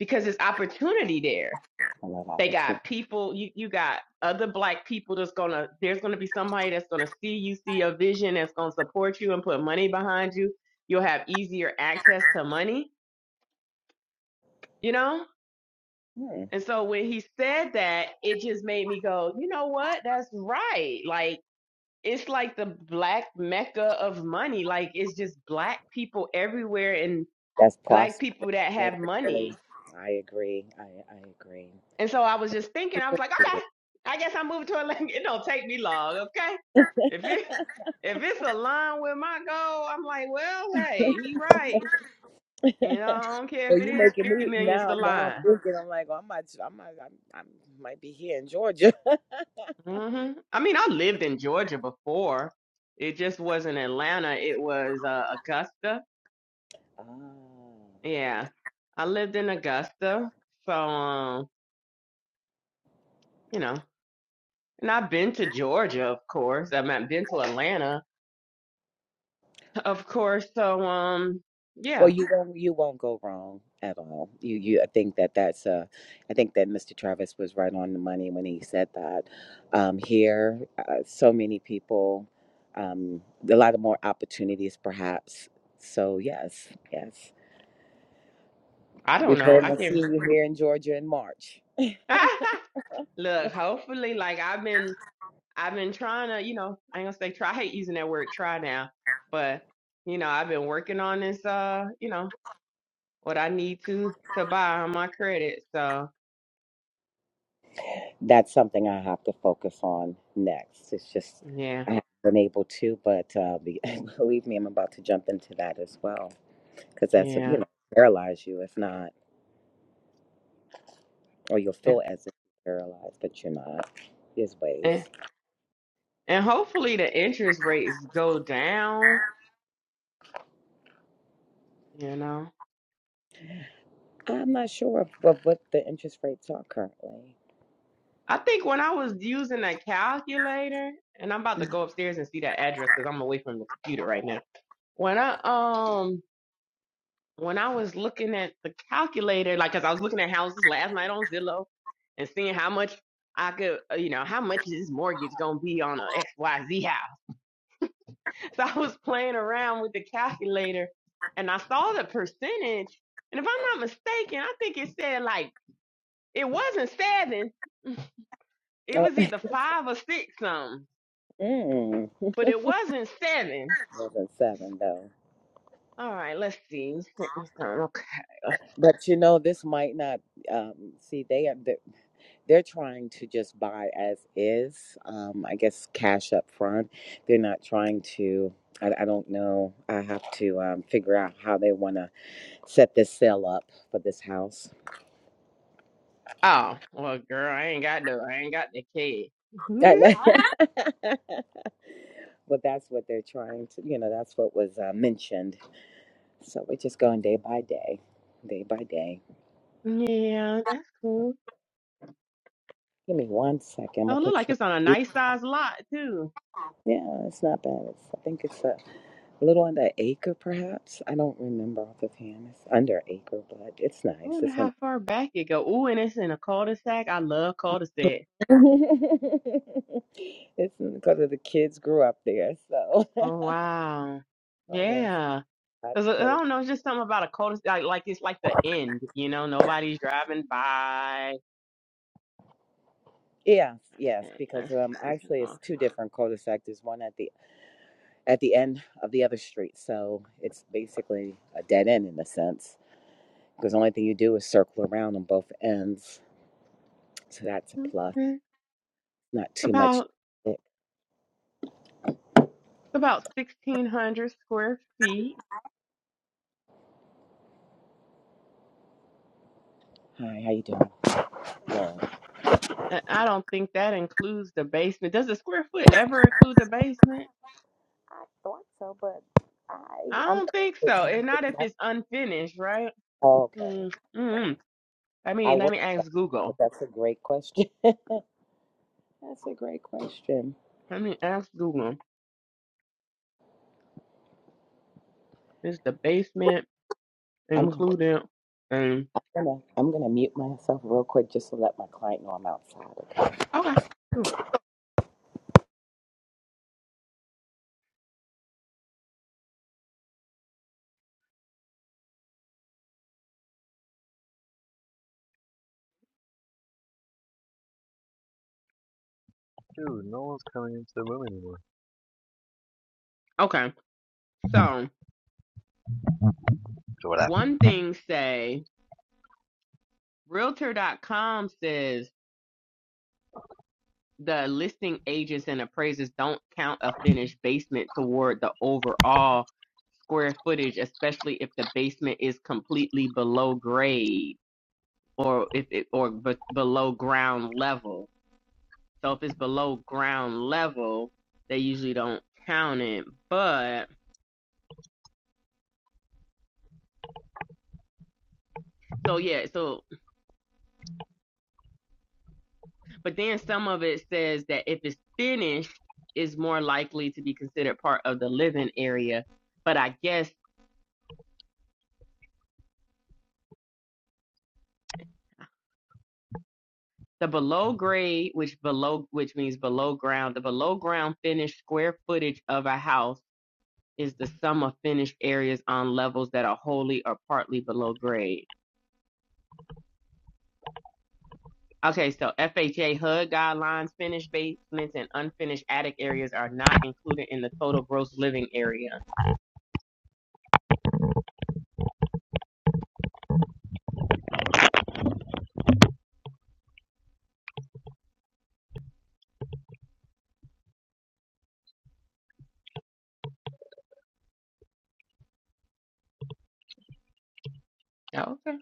S2: because it's opportunity there
S3: I love
S2: They
S3: opportunity.
S2: got people, you, you got other black people that's gonna, there's gonna be somebody that's gonna see you, see your vision, that's gonna support you and put money behind you. You'll have easier access to money, you know?
S3: Hmm,
S2: And so when he said that, it just made me go, you know what? That's right. Like, it's like the black mecca of money. Like, it's just black people everywhere and
S3: That's
S2: black people
S3: prosperous.
S2: that
S3: They
S2: have
S3: really-
S2: money
S3: I agree. I, I agree.
S2: And so I was just thinking, I was like, okay, I guess I'm moving to Atlanta. It don't take me long, okay? If it if it's aligned with my goal, I'm like, well, hey, he right. You know, I don't care
S3: So
S2: if it
S3: you
S2: is
S3: making
S2: 50
S3: me
S2: million, it's
S3: now? Now I'm
S2: line.
S3: thinking. I'm like, well, I might, I might, I, I might be here in Georgia.
S2: hmm I mean, I lived in Georgia before. It just wasn't Atlanta. It was uh, Augusta.
S3: Oh, okay.
S2: Yeah, I lived in Augusta. So, um, you know, and I've been to Georgia, of course. I've not been to Atlanta, of course. So, um, yeah,
S3: Well, you won't, you won't go wrong at all. You, you. I think that that's uh, I think that Mr. Travis was right on the money when he said that. Um, here, uh, so many people, um, a lot of more opportunities, perhaps. So yes, yes.
S2: I
S3: We
S2: don't know.
S3: plan
S2: I
S3: on
S2: can
S3: seeing you here in Georgia in March.
S2: look. Hopefully, like I've been, I've been trying to, you know, I ain't gonna say try. I hate using that word try now, but you know, I've been working on this. Uh, you know, what I need to to buy on my credit. So
S3: that's something I have to focus on next. It's just
S2: yeah,
S3: I haven't been able to, but uh, be, believe me, I'm about to jump into that as well because that's you
S2: yeah,
S3: know paralyze you if not, or you'll
S2: and
S3: feel as if you're paralyzed, but you're not. There's
S2: and,
S3: ways.
S2: and hopefully the interest rates go down. You know,
S3: I'm not sure of, of what the interest rates are currently.
S2: I think when I was using a calculator, and I'm about to
S3: Mm.
S2: go upstairs and see that address because I'm away from the computer right now. When I um, when I was looking at the calculator, like, cause I was looking at houses last night on Zillow and seeing how much I could, uh, you know, how much is this mortgage gonna be on a XYZ house. So I was playing around with the calculator and I saw the percentage. And if I'm not mistaken, I think it said like, it wasn't seven, it
S3: Oh,
S2: was either five or six something,
S3: mm,
S2: but it wasn't seven.
S3: more than seven though.
S2: All right, let's see. You sent me something. Okay.
S3: But you know, this might not. Um, see, they are. they're trying to just buy as is. Um, I guess cash up front. They're not trying to. I, I don't know. I have to um, figure out how they want to set this sale up for this house.
S2: Oh, well, girl, I ain't got no, I ain't got the kid.
S3: I know. but that's what they're trying to. You know, that's what was uh, mentioned. So we're just going day by day, day by day.
S2: Yeah, that's cool.
S3: Give me one second. I'm gonna
S2: Oh, look
S3: put
S2: like
S3: you.
S2: it's on a nice size lot too.
S3: Yeah, it's not bad. It's, I think it's a little under acre, perhaps. I don't remember off the hand. It's under acre, but it's
S2: I
S3: nice.
S2: wonder
S3: It's on
S2: how far back it go. Ooh, and it's in a cul-de-sac. I love cul-de-sac.
S3: it's because of the kids grew up there. So,
S2: Oh wow.
S3: oh yes,
S2: Yeah.
S3: that
S2: 'Cause I I
S3: cul-
S2: don't know, it's just something about a cul-de-sac. Like, like it's like the end, you know, nobody's driving by.
S3: yes, yes,
S2: And
S3: because
S2: let's
S3: um,
S2: see. Come
S3: actually it's
S2: on.
S3: two different cul-de-sacs. There's one at the at the end of the other street, so it's basically a dead end in a sense. Because the only thing you do is circle around on both ends, so that's a plus.
S2: Okay.
S3: Not
S2: It's
S3: too much.
S2: about it's about sixteen hundred square feet.
S3: Hi, how you doing? Yeah. I
S2: And I don't think that includes the basement. Does the square foot ever include the basement?
S3: thought so, but I
S2: I
S3: I'm.
S2: don't think so, and not if it's unfinished, right?
S3: Oh, okay.
S2: Mm,
S3: Okay.
S2: mm I
S3: I
S2: mean, let
S3: was,
S2: me ask
S3: but
S2: Google.
S3: that's a great question. That's a great question.
S2: Let me ask Google. Is the basement
S3: I'm gonna,
S2: included? And
S3: I'm gonna I'm gonna mute myself real quick just to let my client know I'm outside.
S2: okay, Ooh,
S4: Dude, no one's coming into the room anymore.
S2: okay. So
S4: So what happened?
S2: one thing say Realtor. dot com says the listing agents and appraisers don't count a finished basement toward the overall square footage, especially if the basement is completely below grade. or if it or but below ground level. So if it's below ground level, they usually don't count it. But so yeah, so but then some of it says that if it's finished, is more likely to be considered part of the living area. But I guess the below grade, which below which means below ground, the below ground finished square footage of a house is the sum of finished areas on levels that are wholly or partly below grade. Okay, so FHA HUD guidelines, finished basements and unfinished attic areas are not included in the total gross living area. Oh, okay.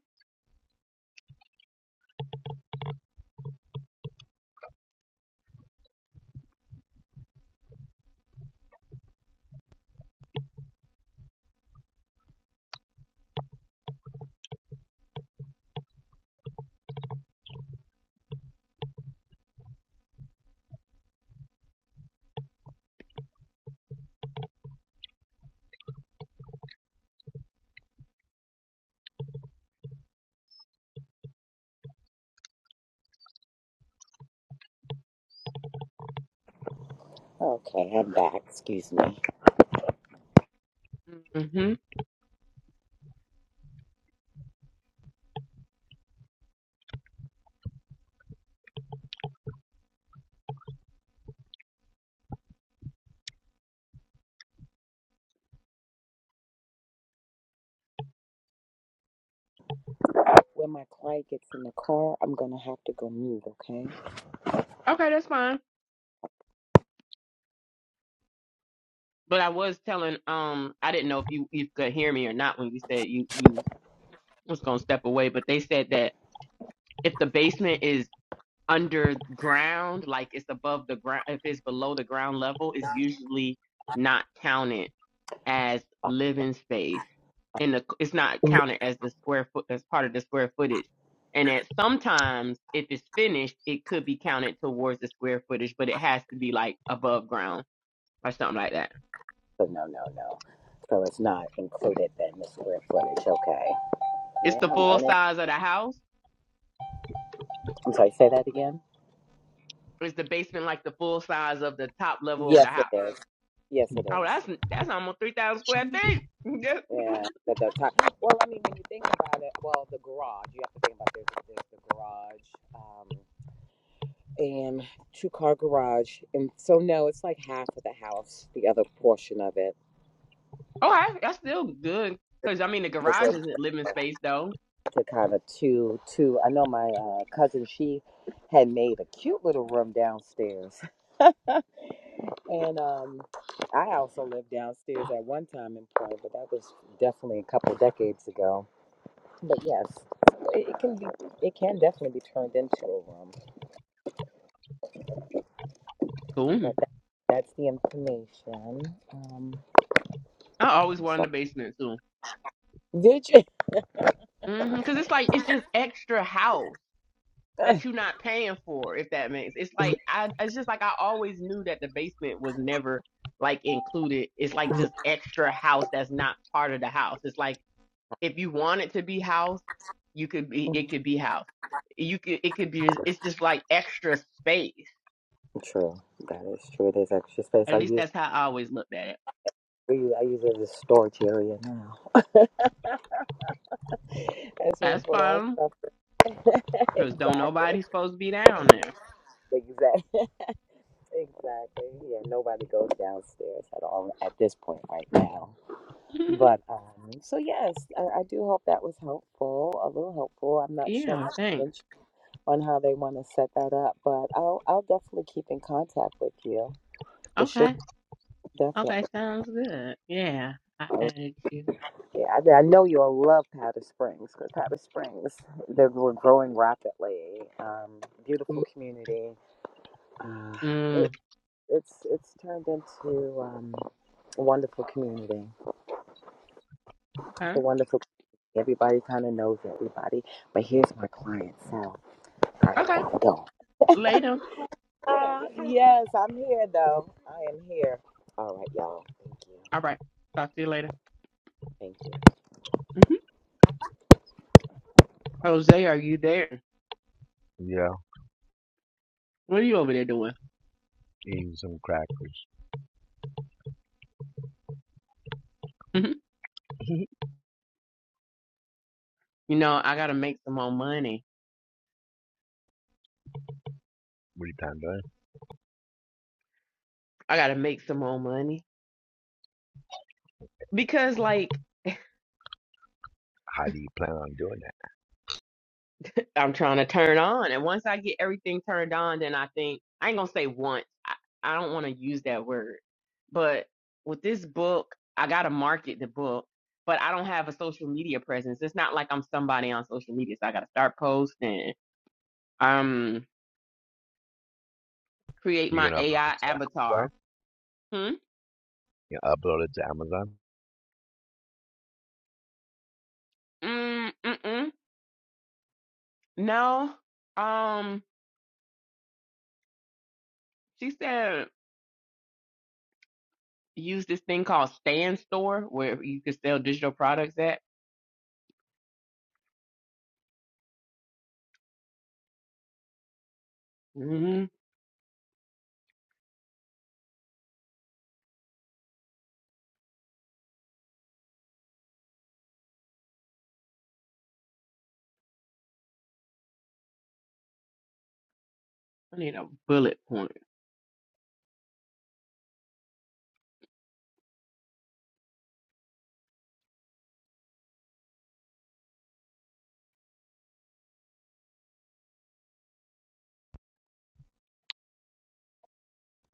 S3: Okay, Okay, I'm back. Excuse me.
S2: hmm
S3: When my client gets in the car, I'm gonna have to go mute. Okay.
S2: Okay, that's fine. But I was telling, um, I didn't know if you you could hear me or not when you said you you was gonna step away, but they said that if the basement is underground, like it's above the ground, if it's below the ground level, it's usually not counted as living space and the, it's not
S3: So
S2: counted as the square foot as part of the square footage and that sometimes if it's finished it could be counted towards the square footage but it has to be like above ground or something like that
S3: no, no, no. So it's not included then the square footage. Okay.
S2: it's the
S3: Yeah, I'm
S2: full
S3: learning.
S2: size of the house
S3: I'm sorry. Say that again.
S2: is the basement like the full size of the top level of
S3: Yes,
S2: the
S3: it
S2: house
S3: is. Yes, it
S2: oh
S3: is.
S2: that's that's almost 3000 square feet Yeah.
S3: Yeah, but the top. Well, I mean, when you think about it, well, the garage. You have to think about there's, there's the garage. Um. and two car garage. And so no, it's like half of the house, the other portion of it.
S2: okay that's still good because i mean the
S3: It's
S2: garage
S3: a,
S2: isn't living space though
S3: to kind of two two. I know my uh, cousin she had made a cute little room downstairs, and um, I also lived downstairs at one time in Point, but that was definitely a couple decades ago. But yes, it, it can be it can definitely be turned into a room.
S2: cool
S3: But that, that's the information. Um,
S2: i always
S3: I'm
S2: wanted a
S3: sorry.
S2: basement too
S3: Did
S2: Mm-hmm. Because it's like it's just extra house
S3: you?
S2: that you're not paying for, if that makes. It's like I. It's just like I always knew that the basement was never like included. It's like just extra house that's not part of the house. It's like if you want it to be house, you could be. It could be house. You could. It could be. It's just like extra space.
S3: True. That is true. There's extra space. I
S2: At least
S3: use
S2: that's how I always looked at it.
S3: I use I use it as a storage area now. That's where we
S2: That's
S3: put our
S2: fine.
S3: stuff.
S2: Cause don't nobody
S3: exactly.
S2: supposed to be down there.
S3: Exactly. Exactly. Yeah, nobody goes downstairs at all at this point right now. But um, so yes, I, I do hope that was helpful, a little helpful. I'm not sure
S2: yeah.
S3: about the
S2: Thanks.
S3: bench on how they want to set that up, but I'll I'll definitely keep in contact with you for sure.
S2: Okay. Okay,
S3: Definitely.
S2: sounds good. Yeah, I added you.
S3: Yeah, I, I know you'll love Powder Springs because Powder Springs, they're we're growing rapidly. Um, beautiful community. Uh, it,
S2: Mm,
S3: it's it's turned into um, a wonderful community. It's a
S2: okay.
S3: wonderful. Everybody kind of knows everybody. But here's my client, so I
S2: Okay.
S3: gotta go.
S2: Later.
S3: Uh, yes, I'm here though. I am here. All right, y'all. Thank you.
S2: All right. Talk to you later.
S3: Thank you.
S2: hmm Jose, are you there?
S4: Yeah,
S2: What are you over there doing?
S4: eating some crackers.
S2: hmm
S4: what
S2: You know, I gotta make some more money.
S4: are you planning on doing?
S2: I gotta make some more money because, like,
S4: How do you plan on doing that?
S2: I'm trying to turn on. And once I get everything turned on, then I think I ain't gonna say once. I, I don't want to use that word. But with this book, I gotta market the book, but I don't have a social media presence. It's not like I'm somebody on social media, so I gotta start posting. Um, create
S4: You are
S2: my
S4: gonna upload
S2: AI
S4: it to Amazon?
S2: avatar. Hmm.
S4: You upload it to Amazon?
S2: Mm. Mm. No. Um. She said use this thing called Stand Store where you can sell digital products at. hmm I need a bullet point.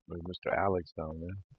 S4: Look Mr. Alex down there.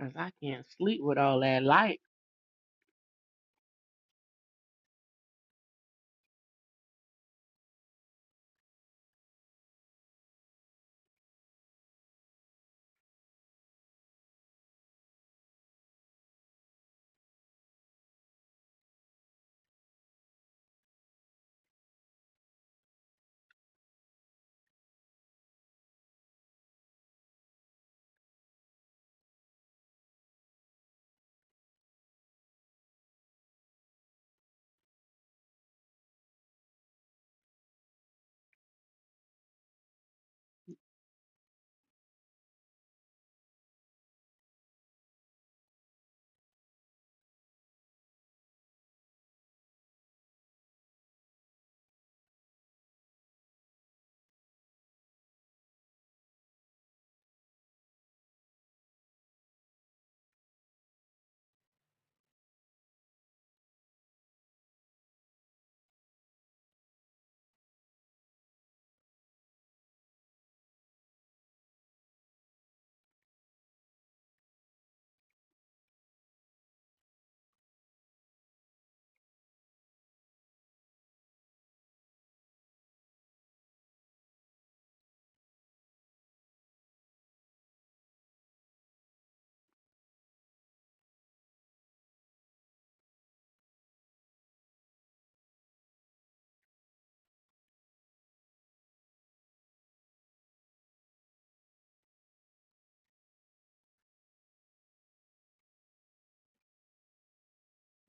S2: Cause I can't sleep with all that light.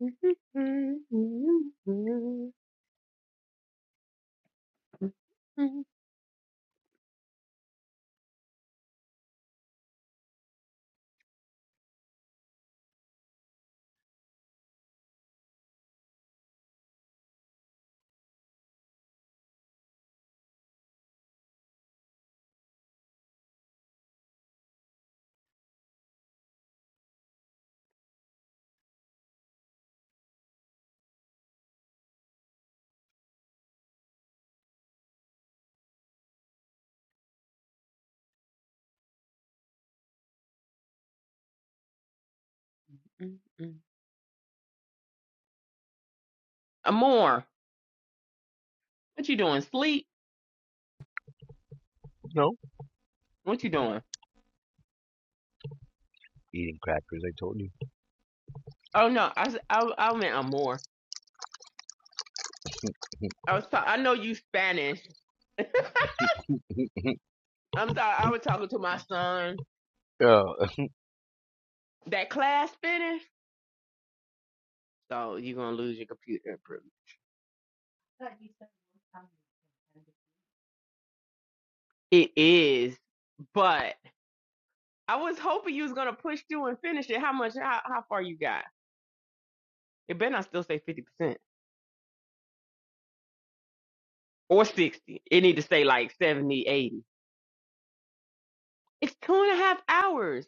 S2: Amor, what you doing? Sleep?
S4: No.
S2: What you doing?
S4: Eating crackers, I told you.
S2: Oh no, I s- I, I meant Amor. I was ta- I know you Spanish. I'm sorry. I was talking to my son.
S4: oh, that's
S2: That class finished, so you're gonna lose your computer privilege. It is, but I was hoping you was gonna push through and finish it. How much? How, how far you got? It better not still say 50%. or 60. It need to say like 70, 80. It's two and a half hours.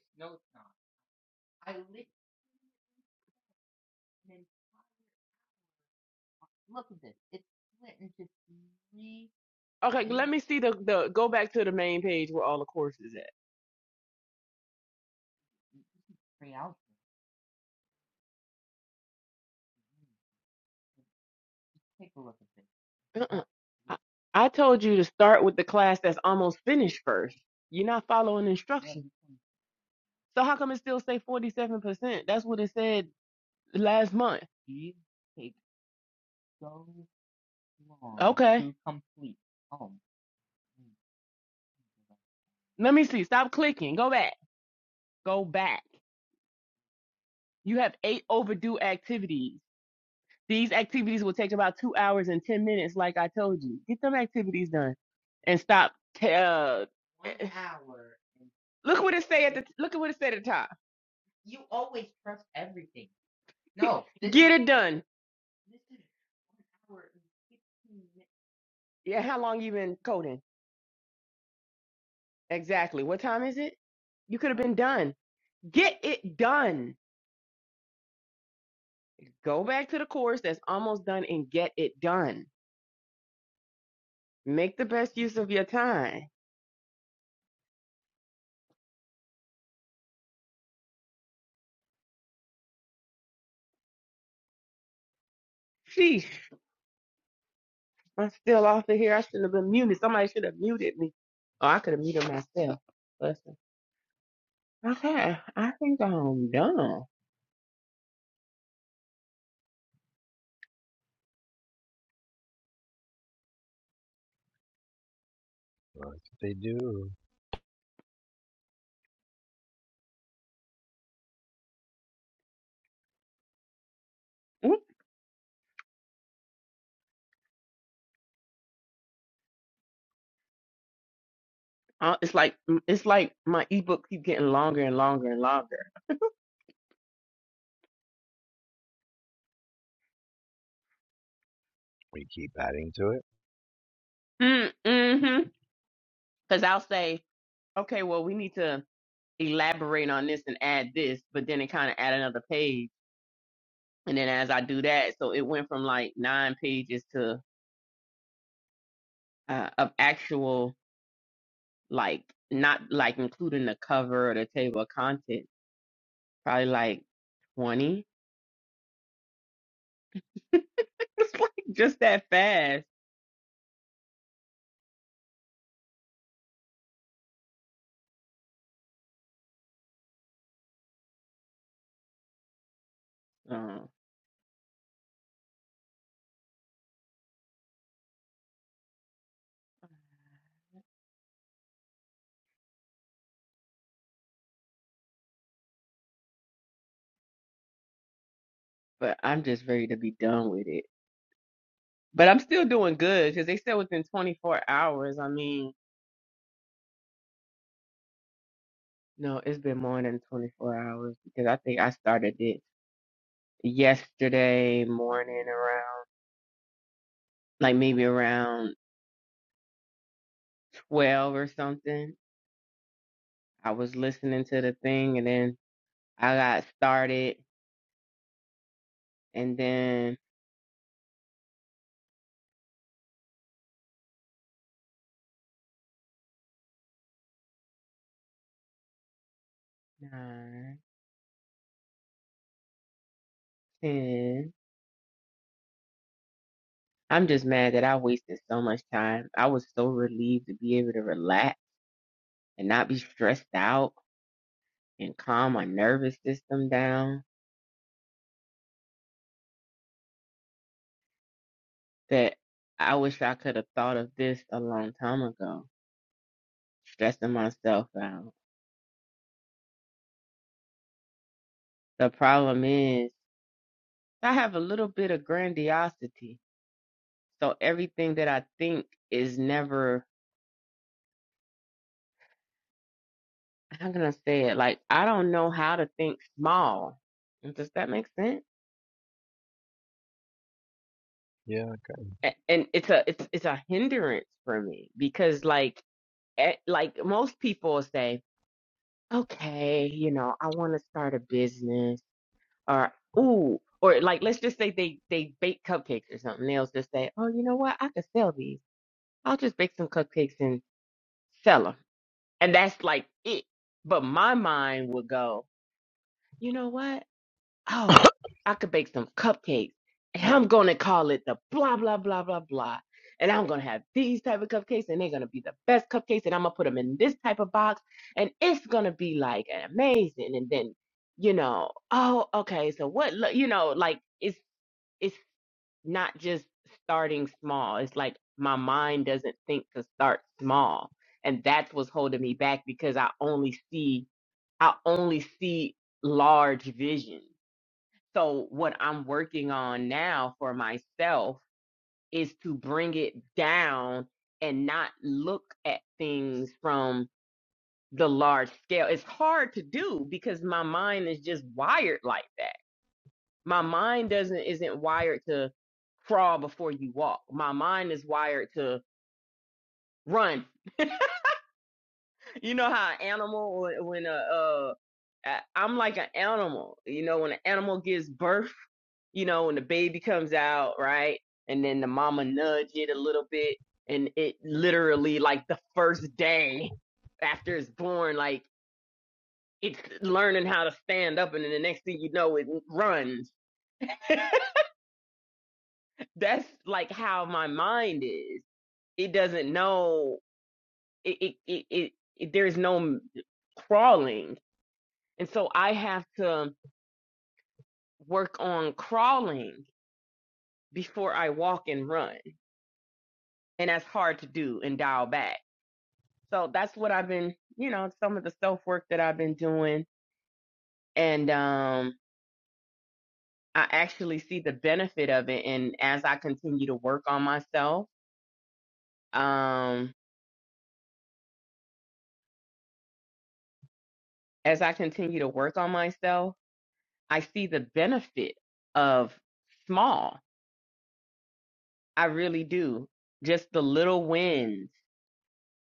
S2: Okay, let me see the, the go back to the main page where all the courses at. Uh-uh. I, I told you to start with the class that's almost finished first. You're not following instructions. So how come it still say 47%? That's what it said last month. Okay. Let me see. Stop clicking. Go back. Go back. You have eight overdue activities. These activities will take about two hours and 10 minutes, like I told you. Get them activities done and stop. T- uh, look what it say at the look at what it said at the top. Get it done. Yeah, how long you been coding? Exactly. What time is it? You could have been done. Get it done. Go back to the course that's almost done and get it done. Make the best use of your time. Sheesh, I'm still off of here. I shouldn't have been muted. Somebody should have muted me. Oh, I could have muted myself. Okay, I think I'm done.
S4: what they do.
S2: Oop, uh, It's like it's like my ebook keep getting longer and longer and longer.
S4: We keep adding to it.
S2: Mm, hmm Because I'll say, okay, well, we need to elaborate on this and add this, but then it kind of add another page, and then as I do that, so it went from like nine pages to uh, of actual like not like including the cover or the table of contents, probably like twenty. It's like just that fast. Uh, but I'm just ready to be done with it. But I'm still doing good because they said within 24 hours. I mean, no, it's been more than 24 hours because I think I started it yesterday morning around, like maybe around 12 or something. I was listening to the thing and then I got started and then nine, 10. I'm just mad that I wasted so much time. I was so relieved to be able to relax and not be stressed out and calm my nervous system down that I wish I could have thought of this a long time ago, stressing myself out. The problem is, I have a little bit of grandiosity. So everything that I think is never, how can I say it? Like, I don't know how to think small. Does that make sense?
S4: Yeah,
S2: A- And it's a, it's, it's a hindrance for me because like, eh, like most people will say, okay, you know, I want to start a business or ooh, or like let's just say they they bake cupcakes or something. They'll just say, oh, you know what? I could sell these. I'll just bake some cupcakes and sell them, and that's like it. But my mind would go, you know what? Oh, I could bake some cupcakes, and I'm gonna call it the blah blah blah blah blah. And I'm gonna have these type of cupcakes, and they're gonna be the best cupcakes, and I'm gonna put them in this type of box, and it's gonna be like amazing. And then you know, oh, okay, so what, lo- you know, like it's it's not just starting small. It's like my mind doesn't think to start small. And that's what's holding me back because I only see I only see large vision. So what I'm working on now for myself is to bring it down and not look at things from the large scale. It's hard to do because my mind is just wired like that my mind doesn't isn't wired to crawl before you walk my mind is wired to run you know how an animal when, when a uh I- i'm like an animal you know when an animal gives birth you know when the baby comes out right and then the mama nudge it a little bit and it literally like the first day after it's born like it's learning how to stand up and then the next thing you know it runs that's like how my mind is it doesn't know it it, it, it, it there's no crawling and so i have to work on crawling before i walk and run and that's hard to do and dial back so that's what i've been you know some of the self work that i've been doing and um i actually see the benefit of it and as i continue to work on myself um as i continue to work on myself i see the benefit of small I really do. Just the little wins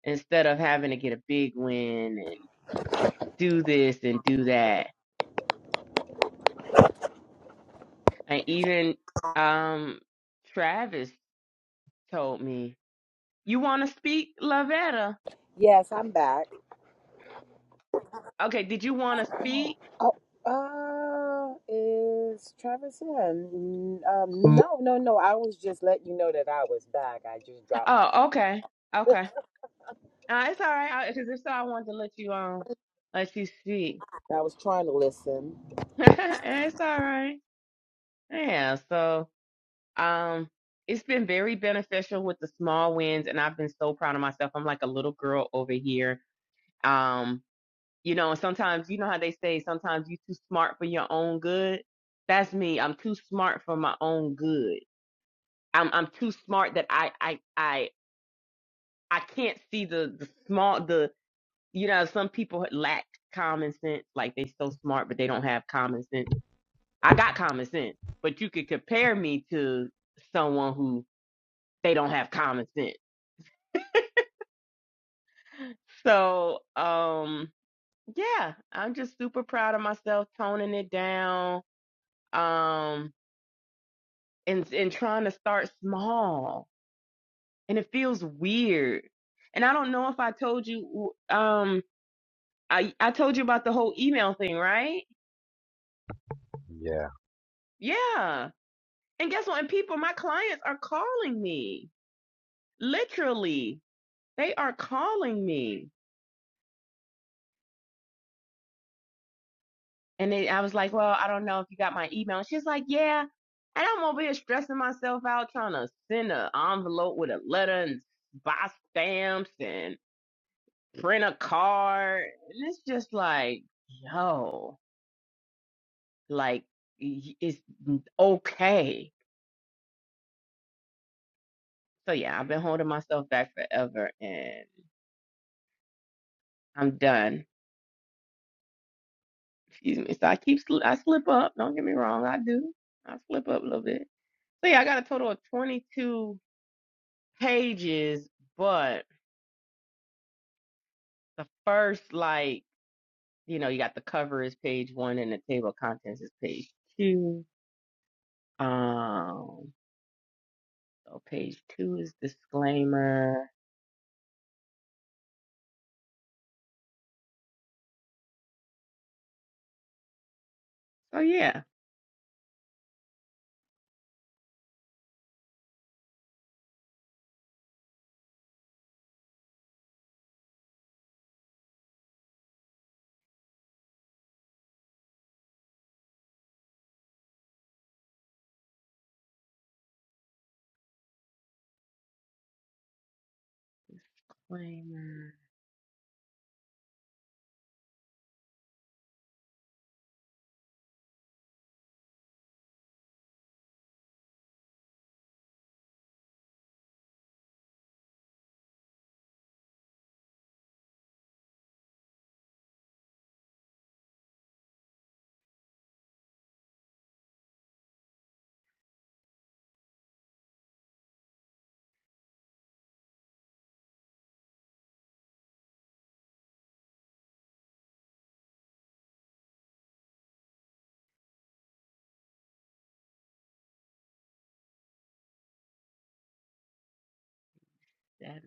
S2: instead of having to get a big win and do this and do that. And even um Travis told me, You wanna speak, Lavetta?
S3: Yes, I'm back.
S2: Okay, did you wanna speak?
S3: Oh, uh, is Travis in? Mm, Um, no, no, no. I was just letting you know that I was back. I just dropped my.
S2: Oh, okay. Okay. Uh, it's all right, because if so I wanted to let you um let you speak.
S3: I was trying to listen.
S2: it's all right. Yeah, so Um, it's been very beneficial with the small wins, and I've been so proud of myself. I'm like a little girl over here. Um, you know, and sometimes you know how they say sometimes you're too smart for your own good. That's me. I'm too smart for my own good. I'm I'm too smart that I I I I can't see the the small the you know some people lack common sense. Like they so smart, but they don't have common sense. I got common sense, but you could compare me to someone who they don't have common sense So, um, yeah, I'm just super proud of myself toning it down, um, and and trying to start small. And it feels weird. And I don't know if I told you, um, I I told you about the whole email thing, right?
S4: yeah.
S2: Yeah. And guess what? And people, my clients are calling me. Literally, they are calling me And then I was like, well, I don't know if you got my email. And she's like, yeah. And I'm over here stressing myself out trying to send an envelope with a letter and buy stamps and print a card. And it's just like, yo, like y- it's okay. So yeah, I've been holding myself back forever and I'm done. Excuse me. So I keep, sl- I slip up. Don't get me wrong. I do. I slip up a little bit. So yeah, I got a total of 22 pages, but the first like you know you got the cover is page one and the table of contents is page two um so page two is disclaimer oh yeah disclaimer that-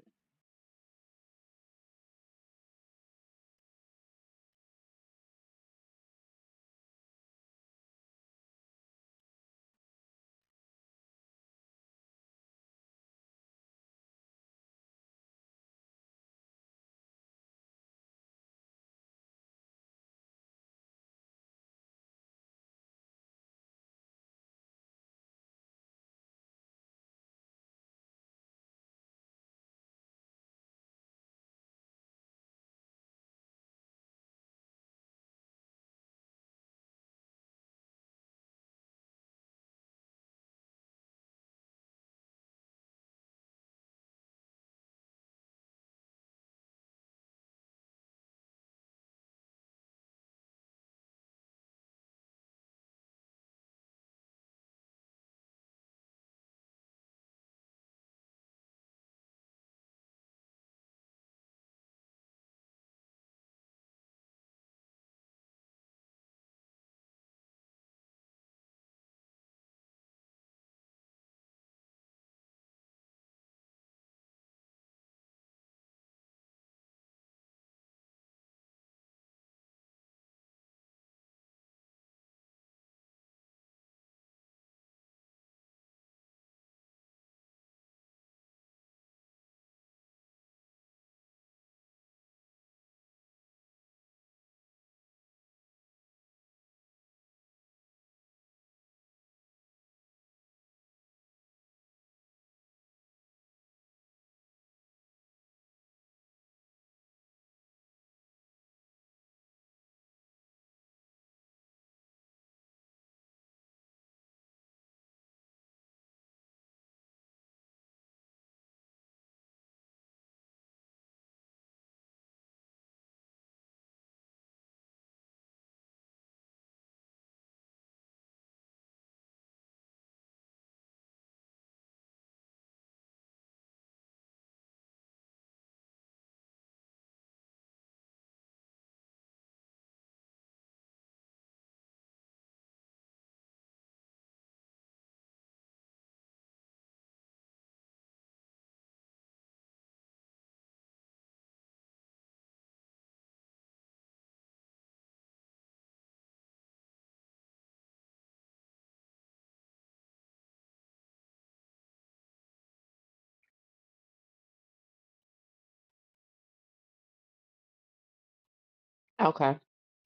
S2: okay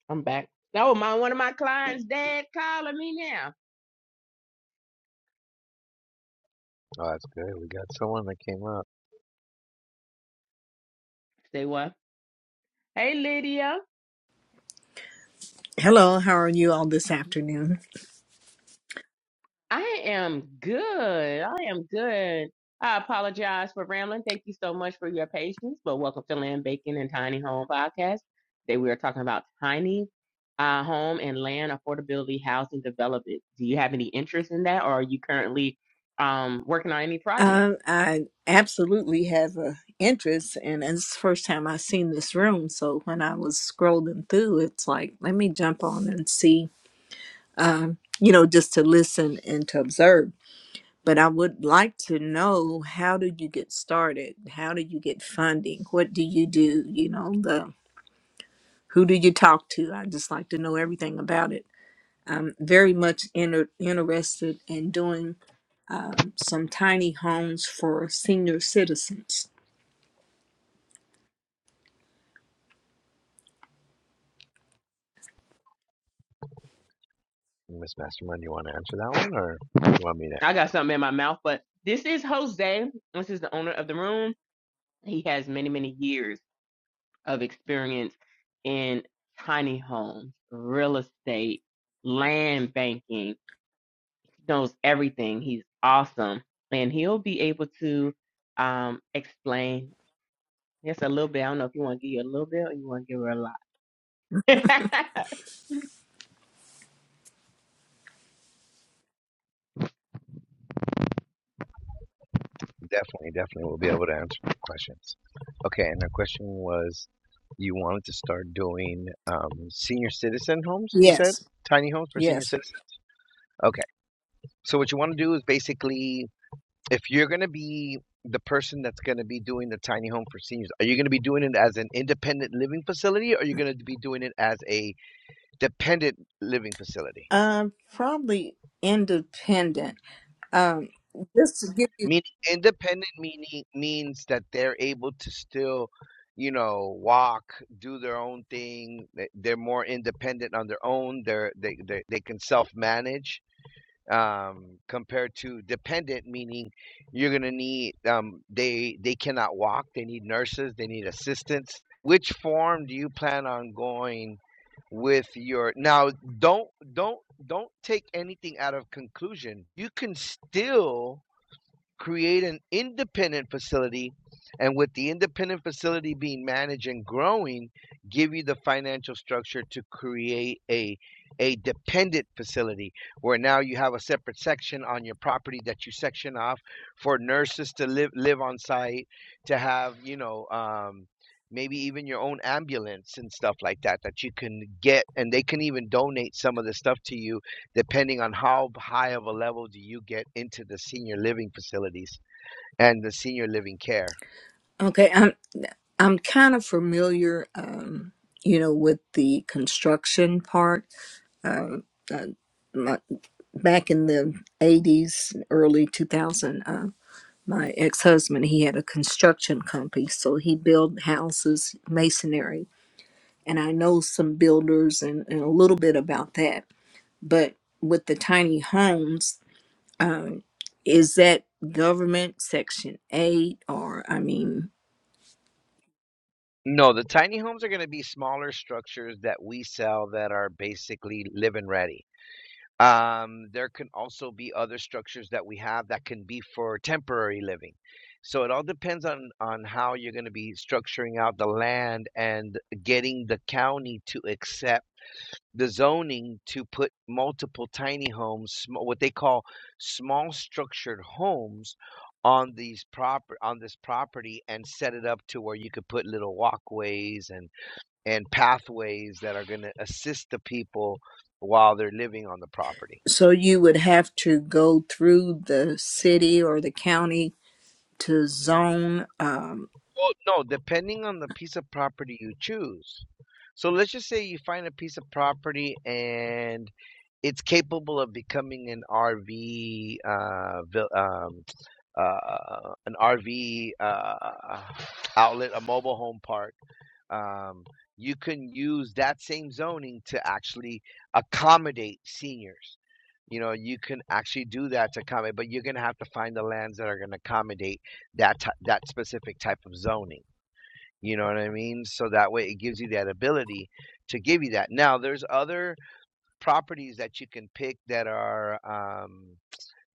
S2: i'm back oh my one of my clients dad calling me now
S4: Oh, that's good. We got someone that came up.
S2: say what hey lydia
S5: Hello, how are you all this afternoon?
S2: I am good. I am good. I apologize for rambling. Thank you so much for your patience. But welcome to Land Bacon and Tiny Home Podcast. Today we are talking about tiny uh, home and land affordability housing development. Do you have any interest in that, or are you currently um, working on any project?
S5: Uh, I absolutely have an interest, and it's the first time I've seen this room. So when I was scrolling through, it's like, let me jump on and see, um, you know, just to listen and to observe. But I would like to know how do you get started? How do you get funding? What do you do? You know, the who do you talk to? I just like to know everything about it. I'm very much inter- interested in doing um, some tiny homes for senior citizens.
S4: Miss Mastermind, you want to answer that one, or you want me to
S2: I got something in my mouth, but this is Jose. This is the owner of the room. He has many, many years. of experience in tiny homes, real estate, land banking, He knows everything. He's awesome. And he'll be able to um, explain just a little bit. I don't know if you want to give you a little bit or you want to give her a lot.
S4: Definitely, definitely, we'll be able to answer your questions. Okay, and the question was, you wanted to start doing um, senior citizen homes, you said?
S5: Yes,
S4: Tiny homes for senior
S5: yes.
S4: citizens? Okay. So what you want to do is basically, if you're going to be the person that's going to be doing the tiny home for seniors, are you going to be doing it as an independent living facility or are you going to be doing it as a dependent living facility?
S5: Um, probably independent. Um, just to give you,
S4: Mean independent meaning means that they're able to still, you know, walk, do their own thing. They- They're more independent on their own. They're they they, they can self manage. Um, compared to dependent, meaning you're gonna need um they they cannot walk. They need nurses. They need assistance. Which form do you plan on going with your now don't don't don't take anything out of conclusion you can still create an independent facility, and with the independent facility being managed and growing, give you the financial structure to create a a dependent facility where now you have a separate section on your property that you section off for nurses to live live on site, to have you know. Um, Maybe even your own ambulance and stuff like that that you can get, and they can even donate some of the stuff to you depending on how high of a level do you get into the senior living facilities and the senior living care.
S5: okay, I'm I'm kind of familiar, um, you know, with the construction part. Um, uh, my, back in the '80s, early 2000, uh, my ex-husband he had a construction company, so he built houses, masonry and I know some builders and, and a little bit about that. But with the tiny homes, um, is that government section eight or I mean,
S4: No, the tiny homes are going to be smaller structures that we sell that are basically live and ready. Um, there can also be other structures that we have that can be for temporary living. So it all depends on on how you're going to be structuring out the land and getting the county to accept the zoning to put multiple tiny homes, sm- what they call small structured homes on these proper on this property and set it up to where you could put little walkways and and pathways that are going to assist the people while they're living on the property.
S5: so you would have to go through the city or the county to zone. Um,
S4: Well, no, depending on the piece of property you choose. So let's just say you find a piece of property and it's capable of becoming an RV, uh, vil- um, uh, an RV uh, outlet, a mobile home park um, you can use that same zoning to actually accommodate seniors. You know, you can actually do that to accommodate, but you're going to have to find the lands that are going to accommodate that that specific type of zoning. You know what I mean? So that way, it gives you that ability to give you that. Now, there's other properties that you can pick that are. Um,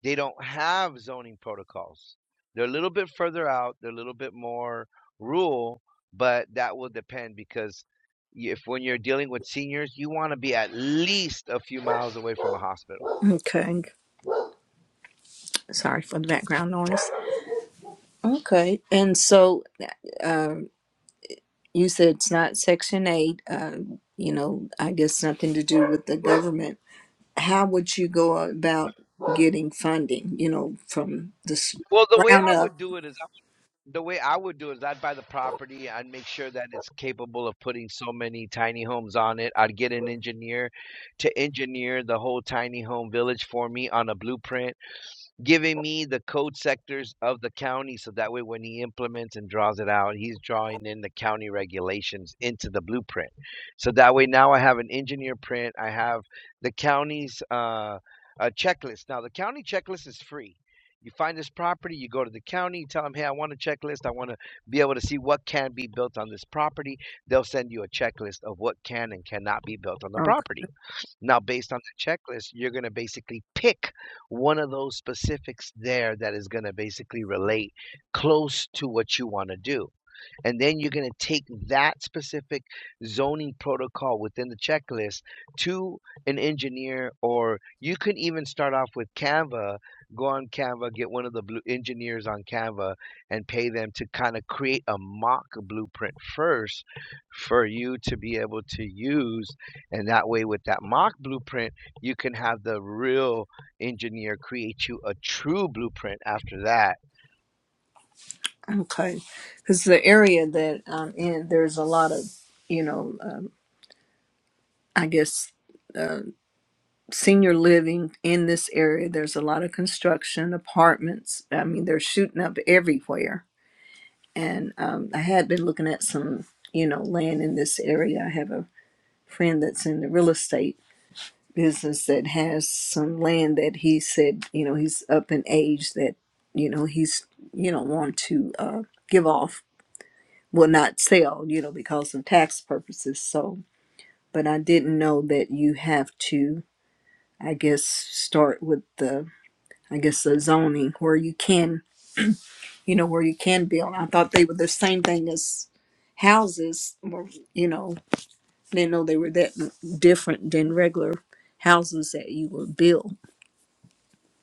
S4: they don't have zoning protocols. They're a little bit further out, they're a little bit more rural, but that will depend because if when you're dealing with seniors, you want to be at least a few miles away from a hospital.
S5: okay, sorry for the background noise. Okay, and so uh, um, you said it's not section eight. Uh, you know, I guess nothing to do with the government how would you go about getting funding, you know, from the s-
S4: Well, the way
S5: ground
S4: I
S5: up?
S4: would do it is the way I would do it is I'd buy the property, I'd make sure that it's capable of putting so many tiny homes on it. I'd get an engineer to engineer the whole tiny home village for me on a blueprint giving me the code sectors of the county so that way when he implements and draws it out he's drawing in the county regulations into the blueprint so that way now i have an engineer print i have the county's uh, uh checklist now the county checklist is free you find this property you go to the county you tell them hey i want a checklist i want to be able to see what can be built on this property they'll send you a checklist of what can and cannot be built on the property now, based on the checklist, you're going to basically pick one of those specifics there that is going to basically relate close to what you want to do. And then you're going to take that specific zoning protocol within the checklist to an engineer, or you can even start off with Canva, go on Canva, get one of the blue engineers on Canva, and pay them to kind of create a mock blueprint first for you to be able to use. And that way, with that mock blueprint, you can have the real engineer create you a true blueprint after that.
S5: Okay. Because the area that I'm in, there's a lot of, you know, um, I guess uh, senior living in this area. There's a lot of construction, apartments. I mean, they're shooting up everywhere. And um, I had been looking at some, you know, land in this area. I have a friend that's in the real estate business that has some land that he said, you know, he's up in age that, you know, he's, you know, want to uh, give off, will not sell, you know, because of tax purposes. So, but I didn't know that you have to, I guess, start with the, I guess, the zoning where you can, you know, where you can build. I thought they were the same thing as houses, or, you know, didn't know they were that different than regular houses that you would build.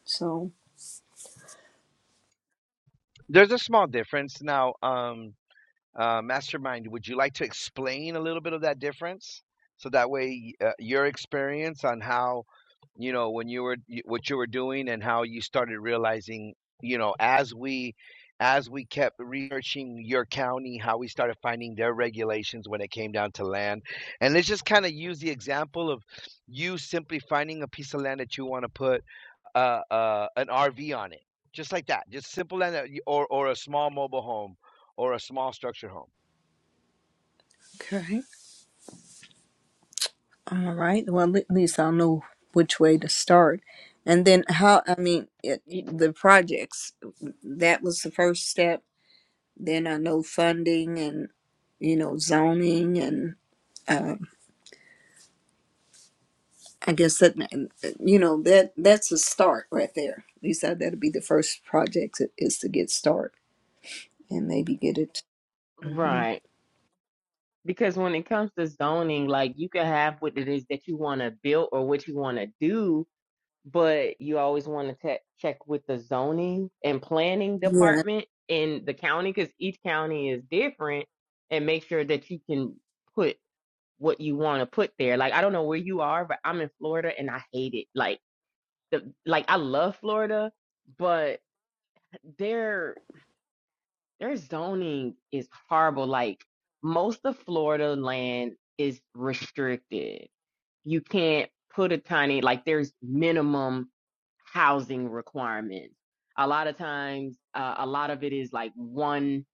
S5: So,
S4: There's a small difference now. Um, Uh, Mastermind, would you like to explain a little bit of that difference? So that way, uh, your experience on how, you know, when you were what you were doing and how you started realizing, you know, as we as we kept researching your county, how we started finding their regulations when it came down to land. And let's just kind of use the example of you simply finding a piece of land that you want to put uh, uh, an RV on it, just like that, just simple land that you- or or a small mobile home or a small structure home
S5: Okay. All right. Well, at least I'll know which way to start. And then how, I mean, it,
S2: Y-
S5: the projects, that was the first step. Then I know funding and, you know, zoning and uh, I guess that, you know, that that's a start right there. Lisa, that'll be the first project i- is to get started and maybe get it. hmm
S2: right. Because when it comes to zoning, like you can have what it is that you want to build or what you want to do, but you always want to te- check with the zoning and planning
S5: Yeah.
S2: department in the county because each county is different and make sure that you can put what you want to put there. Like, I don't know where you are, but I'm in Florida and I hate it. Like, the, like I love Florida, but their their zoning is horrible. Like most of Florida land is restricted you can't put a tiny like there's minimum housing requirements a lot of times uh, a lot of it is like one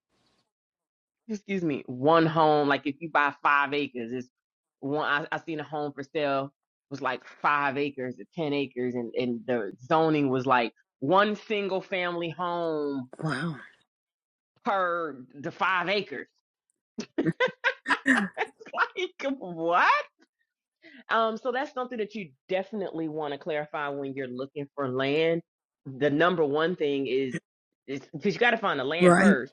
S2: excuse me one home like if you buy five acres it's one i, I seen a home for sale was like five acres or ten acres and, and the zoning was like one single family home
S5: Wow.
S2: per the five acres like what Um, so that's something that you definitely want to clarify when you're looking for land. The number one thing is because you got to find the land
S5: Right.
S2: first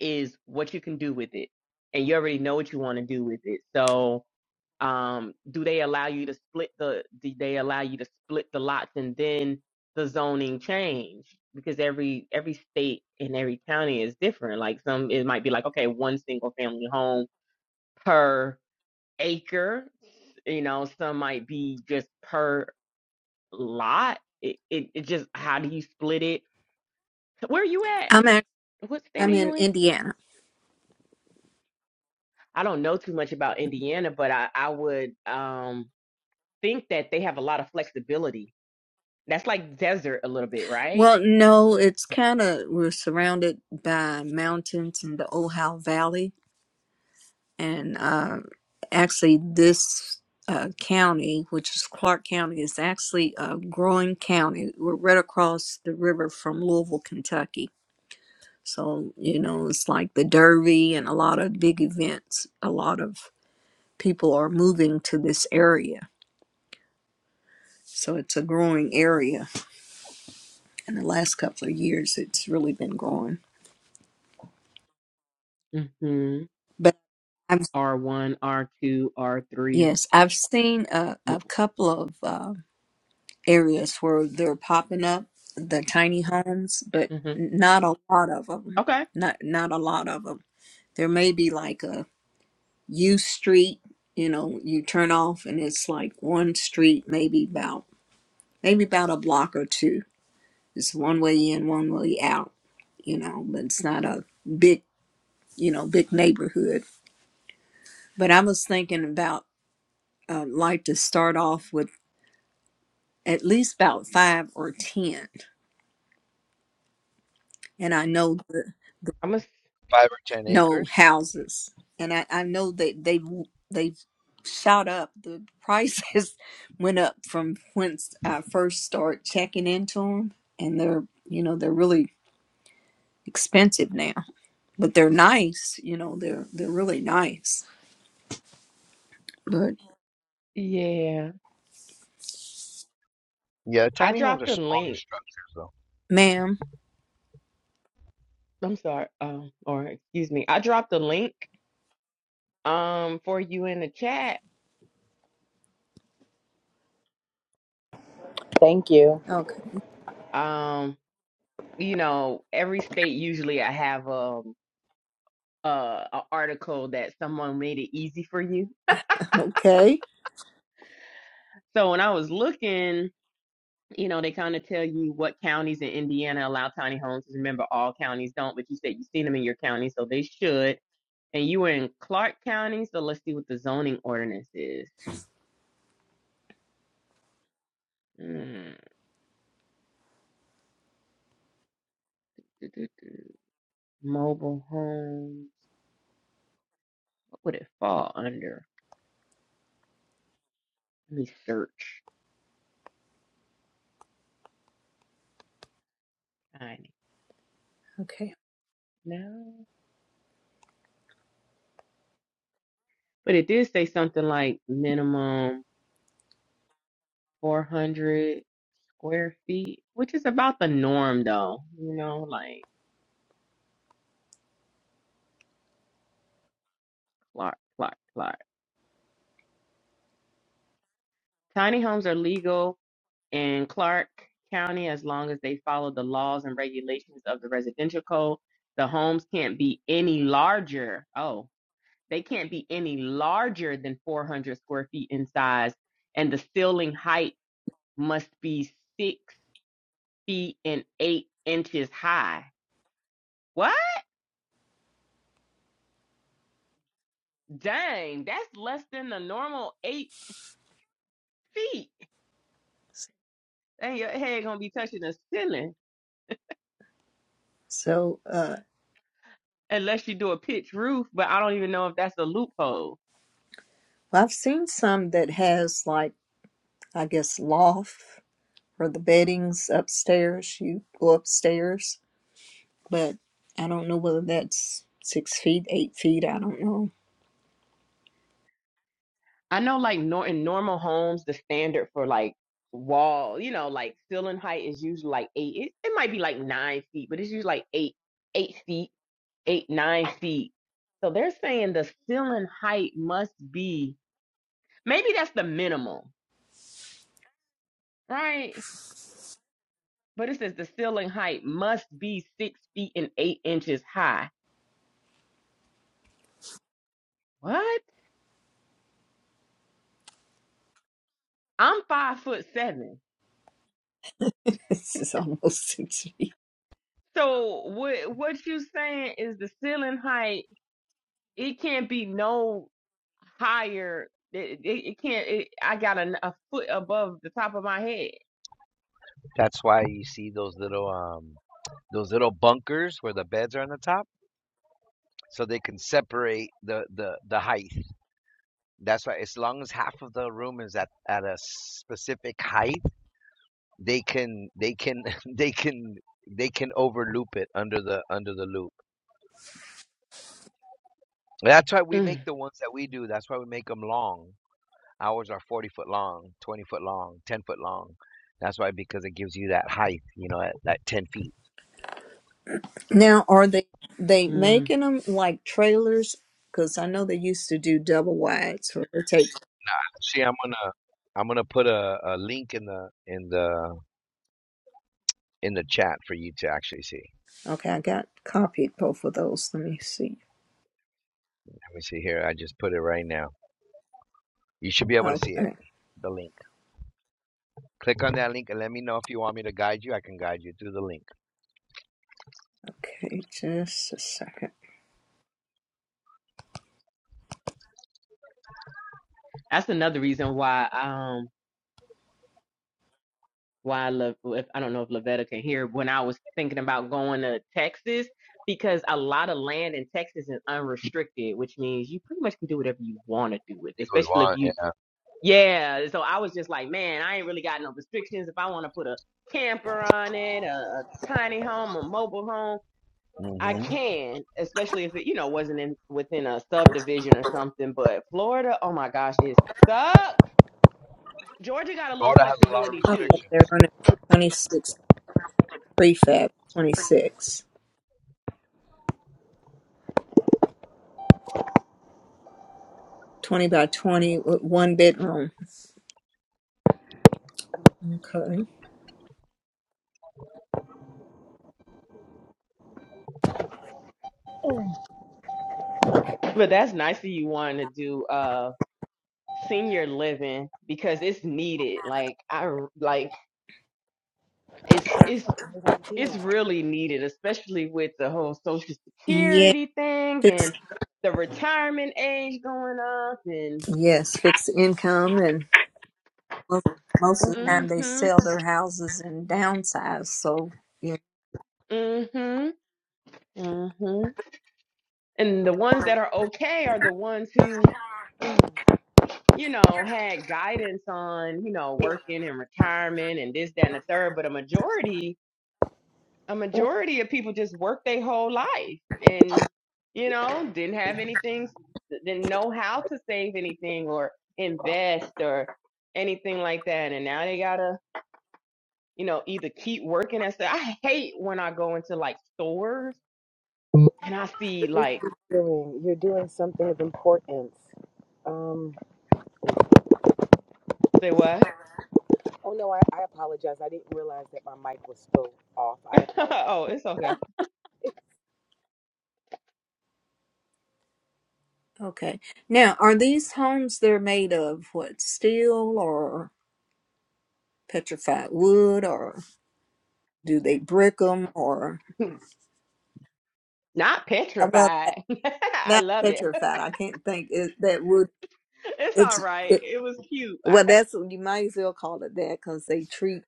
S2: is what you can do with it, and you already know what you want to do with it. So, um, do they allow you to split the? Do they allow you to split the lots and then the zoning change? Because every every state and every county is different. Like some, it might be like okay, one single family home per acre. You know, some might be just per lot. It, it, it just, how do you split it? Where are you at?
S5: I'm act-
S2: What state are
S5: I'm in
S2: you in?
S5: Indiana.
S2: I don't know too much about Indiana, but I, I would um, think that they have a lot of flexibility. That's like desert a little bit, right?
S5: Well, no, it's kind of we're surrounded by mountains in the Ohio Valley, and uh, actually, this uh, county, which is Clark County, is actually a growing county. We're right across the river from Louisville, Kentucky. So you know, it's like the Derby and a lot of big events. A lot of people are moving to this area, so it's a growing area. In the last couple of years, it's really been growing,
S2: Mm-hmm.
S5: but.
S2: R1, R2, R3.
S5: Yes, I've seen a, a couple of uh, areas where they're popping up the tiny homes, but
S2: Mm-hmm.
S5: not a lot of them.
S2: Okay.
S5: Not not a lot of them. There may be like a U street, you know, you turn off and it's like one street, maybe about maybe about a block or two. It's one way in, one way out, you know, but it's not a big, you know, big neighborhood. But I was thinking about uh, like to start off with. at least about five or ten and i know the
S2: I'm a, a.
S4: five or ten
S5: no
S4: acres.
S5: houses and i i know that they they shot up the prices went up from whence i first started checking into them and they're you know they're really expensive now but they're nice you know they're they're really nice but
S2: yeah.
S4: Yeah,
S2: I
S4: tiny homes
S2: dropped
S4: are
S2: the
S4: smaller
S2: link.
S4: structures though.
S5: ma'am
S2: I'm sorry. Um, or excuse me. I dropped the link um for you in the chat
S3: Thank you.
S5: okay
S2: um you know every state usually i have um uh an article that someone made it easy for you
S5: okay
S2: so when i was looking you know they kind of tell you what counties in indiana allow tiny homes 'Cause remember all counties don't but you said you've seen them in your county so they should and you were in clark county so let's see what the zoning ordinance is Mm, doo-doo-doo. mobile homes what would it fall under let me search tiny
S5: okay
S2: no But it did say something like minimum 400 square feet, which is about the norm, though. You know, like Clark, Clark, Clark. Tiny homes are legal in Clark County as long as they follow the laws and regulations of the residential code. The homes can't be any larger. Oh, they can't be any larger than 400 square feet in size, and the ceiling height must be six feet and eight inches high. What? Dang, that's less than the normal eight feet. And your head gonna be touching the ceiling
S5: so uh
S2: unless you do a pitch roof, but I don't even know if that's a loophole.
S5: well, i've seen some that has like i guess loft or the bedding's upstairs. You go upstairs, but I don't know whether that's six feet, eight feet. I don't know.
S2: I know like nor in normal homes, the standard for like wall, you know, like ceiling height is usually like eight. It, it might be like nine feet, but it's usually like eight, eight feet, eight, nine feet. So they're saying the ceiling height must be maybe that's the minimum, right? But it says the ceiling height must be six feet and eight inches high. What? I'm five foot seven.
S5: This is almost six feet.
S2: So what what you saying is the ceiling height? It can't be no higher. It, it, it can't. It, I got a, a foot above the top of my head.
S4: That's why you see those little um those little bunkers where the beds are on the top, so they can separate the the the height. That's why as long as half of the room is at at a specific height, they can they can they can they can overloop it under the under the loop. That's why we make
S2: Mm,
S4: the ones that we do. That's why we make them long Ours are 40 foot long, 20 foot long, 10 foot long. That's why because it gives you that height, you know, at that 10 feet.
S5: Now, are they they
S2: mm.
S5: making them like trailers? Because I know they used to do double wides where they take.
S4: See, I'm gonna I'm gonna put a, a link in the in the in the chat for you to actually see. Let
S5: Okay, I got copied both of those. Let me see.
S4: me see here. I just put it right now. You should be able to see it.
S5: Okay,
S4: The link. Click on that link and let me know if you want me to guide you. I can guide you through the link.
S5: okay, just a second.
S2: That's another reason why. um why Le, if I don't know if Lavetta can hear when I was thinking about going to Texas because a lot of land in Texas is unrestricted, which means you pretty much can do whatever you want to do with, it,
S4: You would
S2: especially if
S4: want,
S2: you
S4: yeah.
S2: yeah. So I was just like, man, I ain't really got no restrictions. If I want to put a camper on it, a, a tiny home, a mobile home, I
S4: hmm
S2: can, especially if it you know wasn't in within a subdivision or something. But Florida, oh my gosh, it sucks. Georgia got a little
S4: Florida has a lot of
S2: flexibility too
S5: Okay, they're
S4: restrictions.
S5: running 26 prefab, 26, 20 by 20 with one bedroom. Okay.
S2: But that's nice of you wanting to do uh senior living because it's needed. Like I r- like it's it's it's really needed, especially with the whole social
S5: Yeah,
S2: security thing and
S5: fixed.
S2: the retirement age going up and
S5: Yes, fixed income, and most, most of the
S3: Mm,
S5: time they
S2: mhm
S5: sell their houses and downsize. So yeah,
S2: mhm mhm and the ones that are okay are the ones who
S3: mm.
S2: you know had guidance on you know working and retirement and this that and the third but a majority a majority of people just worked their whole life and you
S3: Yeah,
S2: know didn't have anything didn't know how to save anything or invest or anything like that and now they gotta you know either keep working and stuff i hate when i go into like stores and i see like
S3: Doing, you're doing something of importance. Um.
S2: say what
S3: Oh no, I, I apologize. I didn't realize that my mic was still off. I apologize.
S2: oh it's okay
S5: okay. Now, are these homes they're made of what steel or petrified wood, or do they brick them, or
S2: not
S5: uh, well, that,
S2: petrified i
S5: not
S2: loved it
S5: petrified. I can't think it, that wood.
S2: it's
S5: It's
S2: all right
S5: it,
S2: it was cute
S5: well,
S2: I-
S5: that's you might as well call it that because they treat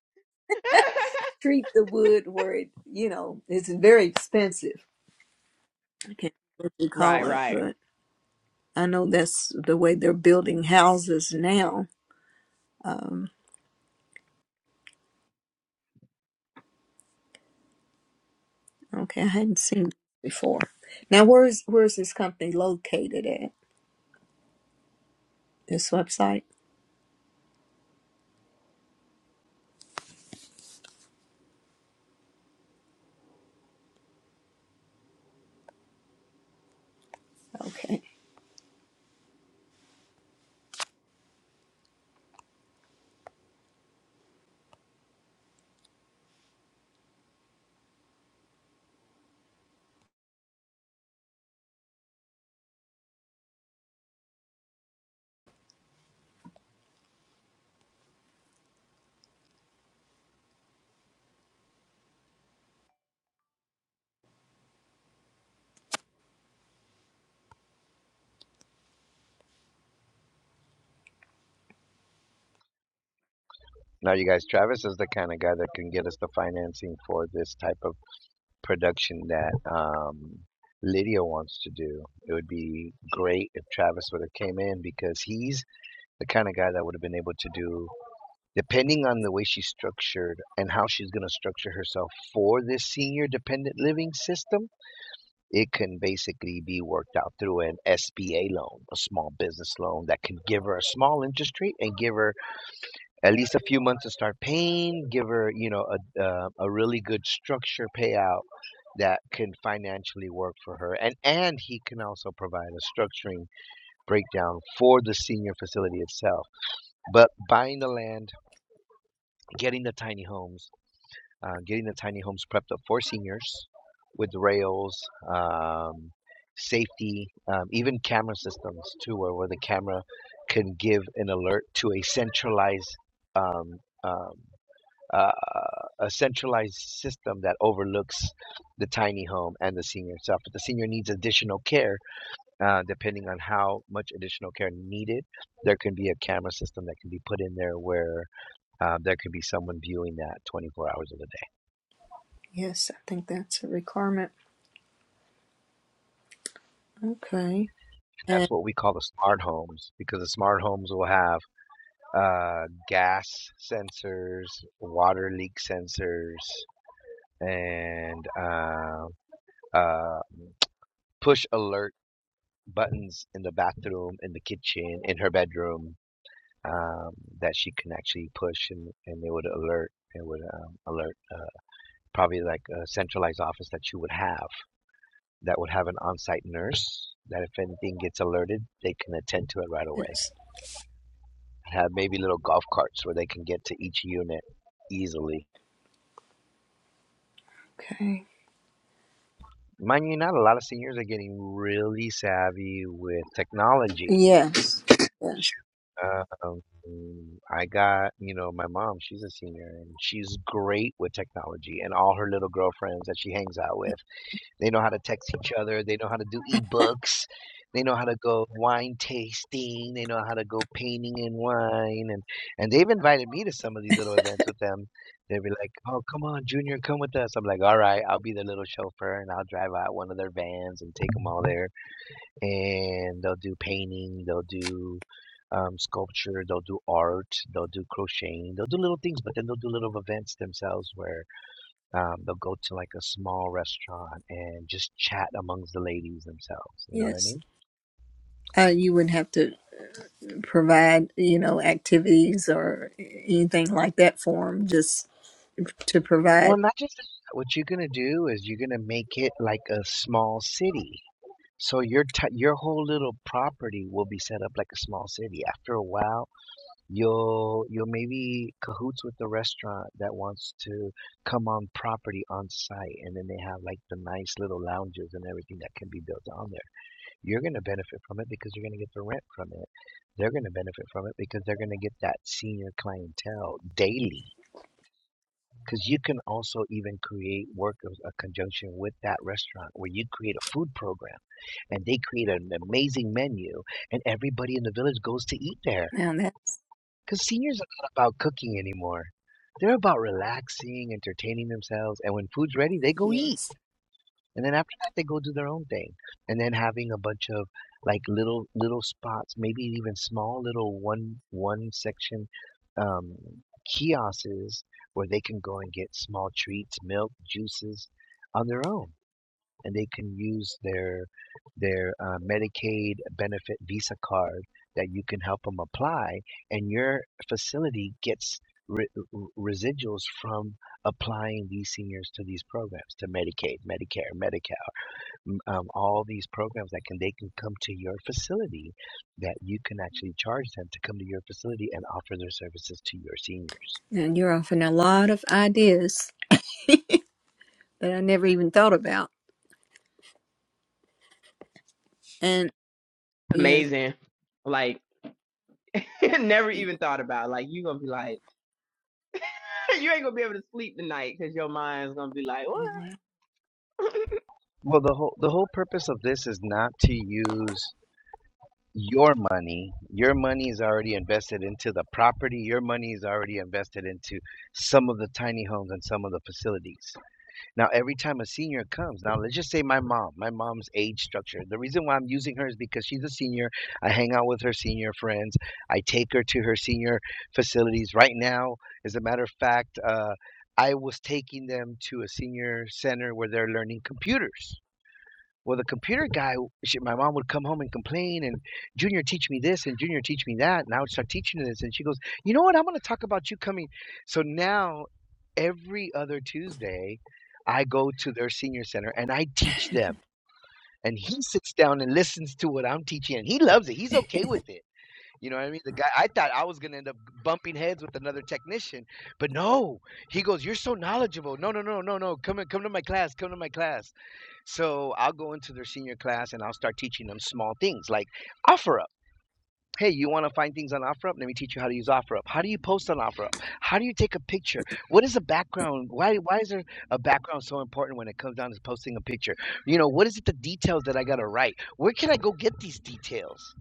S5: treat the wood where it you know it's very expensive. I can't remember what you
S2: right
S5: call it,
S2: right
S5: but. I know that's the way they're building houses now. Um, okay, I hadn't seen this before. Now, where is where is this company located at? This website? Okay.
S4: Now, you guys, Travis is the kind of guy that can get us the financing for this type of production that um, Lydia wants to do. It would be great if Travis would have came in because he's the kind of guy that would have been able to do, depending on the way she's structured and how she's going to structure herself for this senior dependent living system. It can basically be worked out through an SBA loan, a small business loan that can give her a small interest rate and give her at least a few months to start paying, give her, you know, a uh, a really good structure payout that can financially work for her, and and he can also provide a structuring breakdown for the senior facility itself. But buying the land, getting the tiny homes, uh, getting the tiny homes prepped up for seniors with rails. Um, safety um, even camera systems too where, where the camera can give an alert to a centralized um, um, uh, a centralized system that overlooks the tiny home and the senior itself. But the senior needs additional care, uh, depending on how much additional care needed. There can be a camera system that can be put in there where uh, there can be someone viewing that 24 hours of the day.
S5: Yes, I think that's a requirement. Okay.
S4: And that's
S5: And
S4: what we call the smart homes because the smart homes will have uh, gas sensors, water leak sensors, and uh, uh, push alerts buttons in the bathroom, in the kitchen, in her bedroom um, that she can actually push and, and they would alert. It would um, alert uh, probably like a centralized office that you would have that would have an on site nurse that if anything gets alerted, they can attend to it right away.
S5: it's,
S4: Have maybe little golf carts where they can get to each unit easily.
S5: okay.
S4: Mind you, not a lot of seniors are getting really savvy with technology
S5: Yes. Yes.
S4: Um, I got, you know, my mom, she's a senior and she's great with technology and all her little girlfriends that she hangs out with. They know how to text each other, they know how to do ebooks, they know how to go wine tasting, they know how to go painting in wine and and they've invited me to some of these little events with them. They'd be like, "Oh, come on, Junior, come with us." I'm like, "All right, I'll be the little chauffeur and I'll drive out one of their vans and take them all there." and they'll do painting, they'll do um, sculpture, they'll do art, they'll do crocheting, they'll do little things, but then they'll do little events themselves where um, they'll go to like a small restaurant and just chat amongst the ladies themselves. You know what I
S5: Yes.
S4: mean?
S5: Uh, you would have to provide, you know, activities or anything like that for them, just to provide.
S4: Well, not just that. What you're gonna do is you're gonna make it like a small city. So your t- your whole little property will be set up like a small city. After a while, You'll you'll maybe cahoots with the restaurant that wants to come on property on site, and then they have like the nice little lounges and everything that can be built on there. You're going to benefit from it because you're going to get the rent from it. They're going to benefit from it because they're going to get that senior clientele daily. Because you can also even create work of a conjunction with that restaurant where you create a food program and they create an amazing menu and everybody in the village goes to eat there
S5: Now that
S4: because seniors are not about cooking anymore. They're about relaxing, entertaining themselves, and when food's ready, they go eat.
S5: yes.
S4: And then after that, they go do their own thing. And then having a bunch of like little little spots, maybe even small little one one section um, kiosks where they can go and get small treats, milk, juices on their own and they can use their their uh, Medicaid benefit Visa card that you can help them apply, and your facility gets re- residuals from applying these seniors to these programs, to Medicaid, Medicare, Medi-Cal, um, all these programs that can they can come to your facility, that you can actually charge them to come to your facility and offer their services to your seniors.
S5: Now you're offering a lot of ideas that I never even thought about. And yes,
S2: amazing like never even thought about. Like you gonna be like, you ain't gonna be able to sleep tonight because your mind's gonna be like,
S5: wow.
S2: what?
S4: Well, the whole the whole purpose of this is not to use your money your money is already invested into the property your money is already invested into some of the tiny homes and some of the facilities now every time a senior comes now let's just say my mom my mom's age structure the reason why i'm using her is because she's a senior i hang out with her senior friends i take her to her senior facilities right now as a matter of fact uh, i was taking them to a senior center where they're learning computers well, the computer guy, she, my mom would come home and complain, and Junior teach me this, and Junior teach me that, and I would start teaching her this, and she goes, you know what? I'm going to talk about you coming. So now, every other Tuesday, I go to their senior center and I teach them, and he sits down and listens to what I'm teaching, and he loves it. He's okay with it. You know what I mean? The guy, I thought I was going to end up bumping heads with another technician, but no. He goes, "You're so knowledgeable." No, no, no, no, no. Come and come to my class. Come to my class so I'll go into their senior class and I'll start teaching them small things like offer up. Hey, you want to find things on OfferUp? Let me teach you how to use OfferUp. How do you post on OfferUp? How do you take a picture? What is a background? Why why is there a background so important when it comes down to posting a picture? You know, what is it the details that I got to write? Where can I go get these details?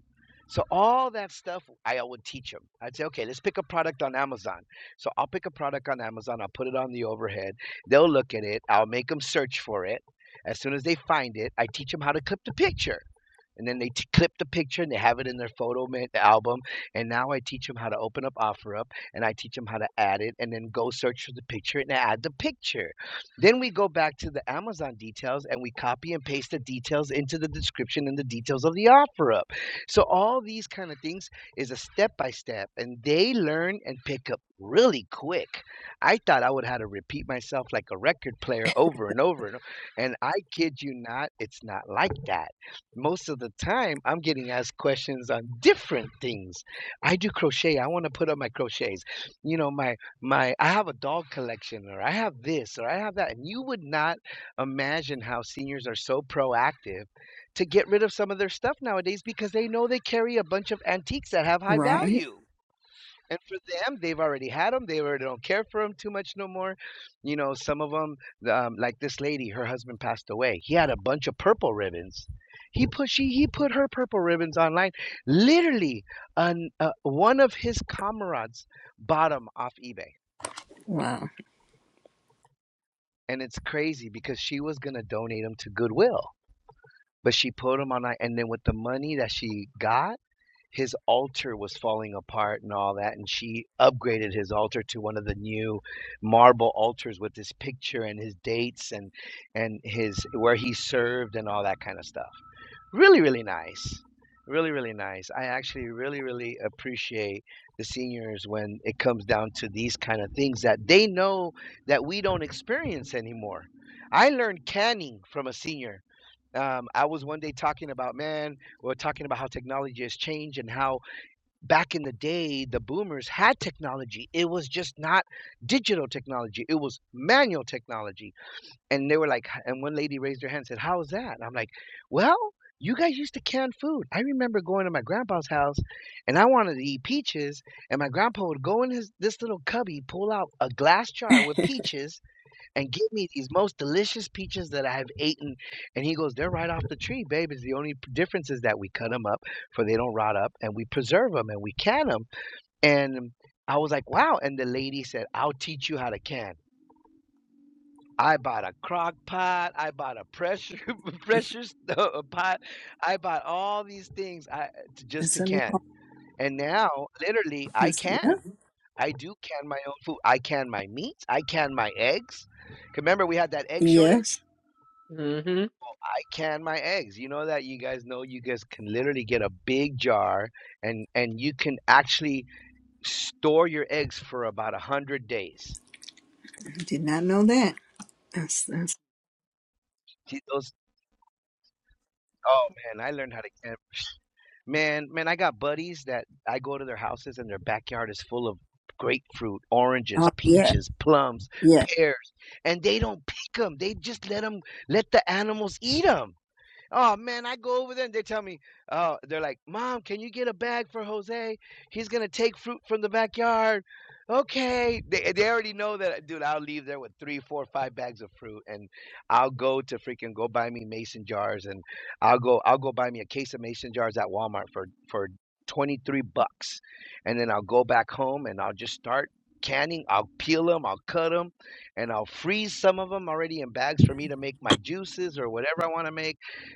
S4: So all that stuff, I would teach them. I'd say, okay, let's pick a product on Amazon. So I'll pick a product on Amazon. I'll put it on the overhead. They'll look at it. I'll make them search for it. As soon as they find it, I teach them how to clip the picture and then they t- clip the picture and they have it in their photo ma- album and now i teach them how to open up OfferUp and i teach them how to add it and then go search for the picture and add the picture then we go back to the amazon details and we copy and paste the details into the description and the details of the OfferUp. so all these kind of things is a step by step and they learn and pick up really quick i thought i would have to repeat myself like a record player over and over and, o- and i kid you not it's not like that most of the time I'm getting asked questions on different things. I do crochet. I want to put up my crochets. You know, my my I have a dog collection or I have this or I have that. And you would not imagine how seniors are so proactive to get rid of some of their stuff nowadays because they know they carry a bunch of antiques that have high
S5: right.
S4: value. And for them, they've already had them. They already don't care for them too much no more. You know, some of them, um, like this lady, her husband passed away. He had a bunch of purple ribbons. He put she he put her purple ribbons online. Literally, an, uh, one of his comrades bought them off eBay,
S5: Wow,
S4: and it's crazy because she was gonna donate them to Goodwill, but she put them online, and then with the money that she got his altar was falling apart and all that and she upgraded his altar to one of the new marble altars with his picture and his dates and and his where he served and all that kind of stuff really really nice really really nice i actually really really appreciate the seniors when it comes down to these kind of things that they know that we don't experience anymore i learned canning from a senior um, i was one day talking about man we we're talking about how technology has changed and how back in the day, the boomers had technology. It was just not digital technology. It was manual technology. And they were like, and one lady raised her hand and said, How is that? And I'm like, Well, you guys used to can food. I remember going to my grandpa's house and I wanted to eat peaches. And my grandpa would go in his this little cubby, pull out a glass jar with peaches, and give me these most delicious peaches that I have eaten. And he goes, they're right off the tree, babe. It's the only p- difference is that we cut them up for they don't rot up and we preserve them and we can them. And I was like, wow. And the lady said, I'll teach you how to can. I bought a crock pot. I bought a pressure pressure st- uh, pot. I bought all these things I, to, just
S5: that's
S4: to
S5: a
S4: can.
S5: lot.
S4: And now, literally, I
S5: That's, yeah.
S4: can. I do can my own food. I can my meat. I can my eggs. 'Cause Remember, we had that egg shortage
S5: Yes,
S2: Mm-hmm.
S4: can my eggs. You know that you guys know you guys can literally get a big jar and and you can actually store your eggs for about a hundred days.
S5: I did not know that. That's that's
S4: See, Those oh man, I learned how to can man man. I got buddies that I go to their houses and their backyard is full of grapefruit, oranges,
S5: oh yeah,
S4: peaches, plums,
S5: yeah.
S4: pears, and they don't pick them. They just let them let the animals eat them. Oh man, I go over there and they tell me, oh, they're like, Mom, can you get a bag for Jose? He's gonna take fruit from the backyard. Okay. They they already know that dude, I'll leave there with three, four, five bags of fruit and I'll go to freaking go buy me mason jars and I'll go I'll go buy me a case of mason jars at Walmart for for twenty three bucks. And then I'll go back home and I'll just start canning i'll peel them i'll cut them and i'll freeze some of them already in bags for me to make my juices or whatever i want to make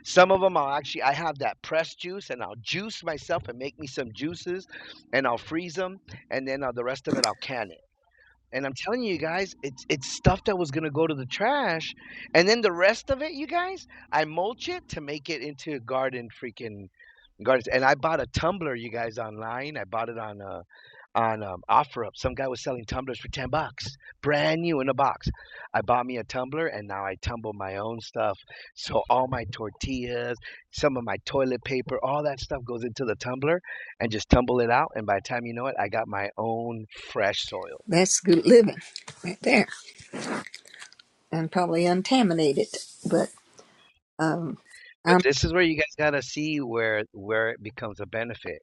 S4: some of them I'll actually I have that pressed juice and I'll juice myself and make me some juices and I'll freeze them and then uh, the rest of it I'll can it. And I'm telling you guys, it's it's stuff that was gonna go to the trash, and then the rest of it, you guys, I mulch it to make it into garden freaking gardens. And I bought a tumbler, you guys, online. I bought it on uh, on um, OfferUp. Some guy was selling tumblers for 10 bucks, brand new in a box. I bought me a tumbler and now I tumble my own stuff. So all my tortillas, some of my toilet paper, all that stuff goes into the tumbler and just tumble it out. And by the time you know it, I got my own fresh soil.
S5: That's good living right there, and probably untaminated. But um,
S4: But
S5: I'm
S4: this is where you guys got to see where where it becomes a benefit.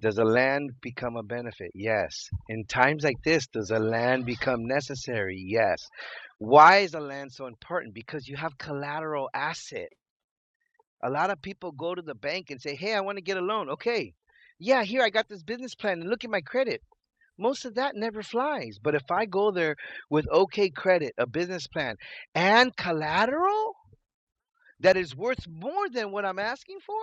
S4: Does a land become a benefit? Yes. In times like this, does a land become necessary? Yes. Why is a land so important? Because you have collateral asset. A lot of people go to the bank and say, Hey, I want to get a loan. Okay. Yeah, here I got this business plan and look at my credit. Most of that never flies. But if I go there with okay credit, a business plan, and collateral that is worth more than what I'm asking for,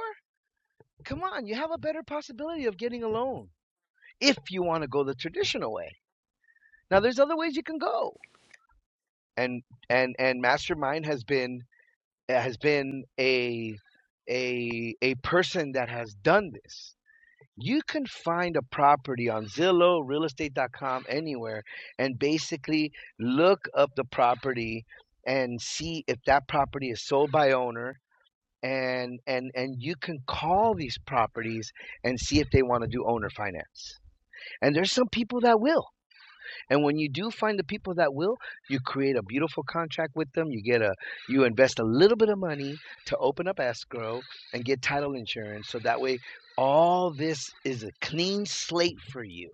S4: come on, you have a better possibility of getting a loan if you want to go the traditional way. Now there's other ways you can go. And and and mastermind has been has been a a a person that has done this. You can find a property on Zillow, real realestate.com, anywhere, and basically look up the property and see if that property is sold by owner. And and and you can call these properties and see if they want to do owner finance. And there's some people that will. And when you do find the people that will, you create a beautiful contract with them. You get a you invest a little bit of money to open up escrow and get title insurance. So that way all this is a clean slate for you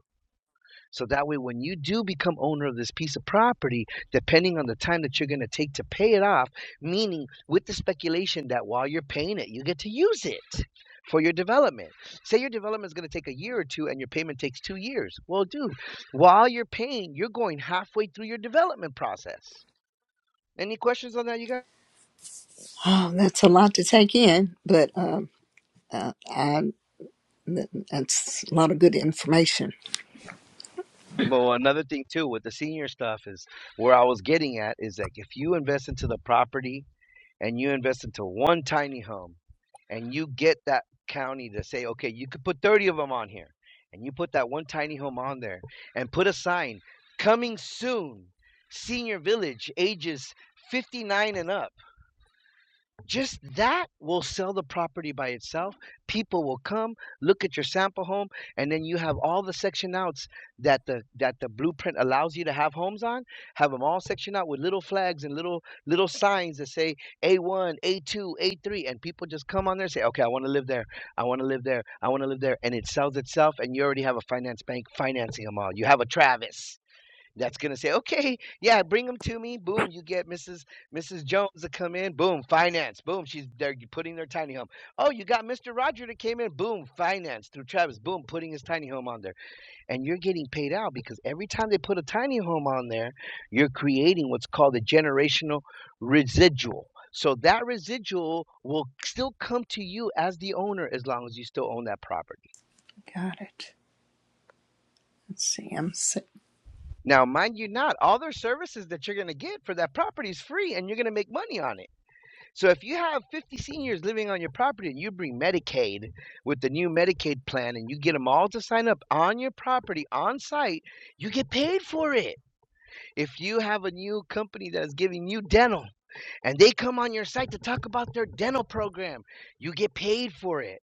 S4: so that way, when you do become owner of this piece of property, depending on the time that you're going to take to pay it off, meaning with the speculation that while you're paying it, you get to use it for your development. Say your development is going to take a year or two and your payment takes two years. Well, dude, while you're paying, you're going halfway through your development process. Any questions on that, you guys?
S5: oh, that's a lot to take in. But um, uh, I th- that's a lot of good information.
S4: Well, another thing too with the senior stuff is where I was getting at is that if you invest into the property and you invest into one tiny home and you get that county to say, okay, you could put 30 of them on here, and you put that one tiny home on there and put a sign coming soon, senior village, ages 59 and up just that will sell the property by itself. People will come, look at your sample home, and then you have all the section outs that the that the blueprint allows you to have homes on. Have them all sectioned out with little flags and little little signs that say A1, A2, A3, and people just come on there and say, "Okay, I want to live there. I want to live there. I want to live there," and it sells itself, and you already have a finance bank financing them all. You have a Travis that's gonna say, okay, yeah, bring them to me. Boom, you get Mrs. Mrs. Jones to come in. Boom, finance. Boom, she's they're putting their tiny home. Oh, you got Mr. Roger that came in. Boom, finance through Travis. Boom, putting his tiny home on there, and you're getting paid out because every time they put a tiny home on there, you're creating what's called a generational residual. So that residual will still come to you as the owner as long as you still own that property.
S5: Got it. Let's see. I'm si-
S4: Now, mind you not, all their services that you're going to get for that property is free and you're going to make money on it. So if you have 50 seniors living on your property and you bring Medicaid with the new Medicaid plan and you get them all to sign up on your property on site, you get paid for it. If you have a new company that is giving you dental and they come on your site to talk about their dental program, you get paid for it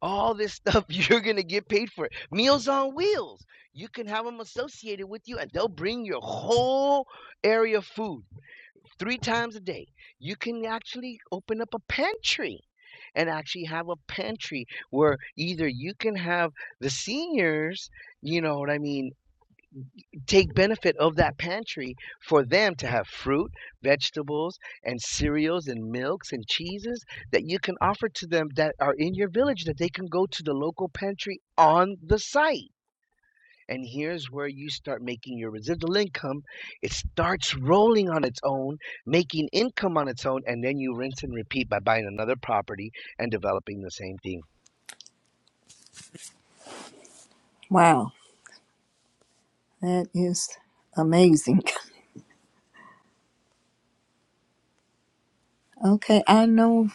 S4: all this stuff you're gonna get paid for it. meals on wheels you can have them associated with you and they'll bring your whole area of food three times a day you can actually open up a pantry and actually have a pantry where either you can have the seniors you know what i mean take benefit of that pantry for them to have fruit, vegetables, and cereals and milks and cheeses that you can offer to them that are in your village that they can go to the local pantry on the site. And here's where you start making your residual income. It starts rolling on its own, making income on its own, and then you rinse and repeat by buying another property and developing the same thing.
S5: wow. That is amazing. Okay, I know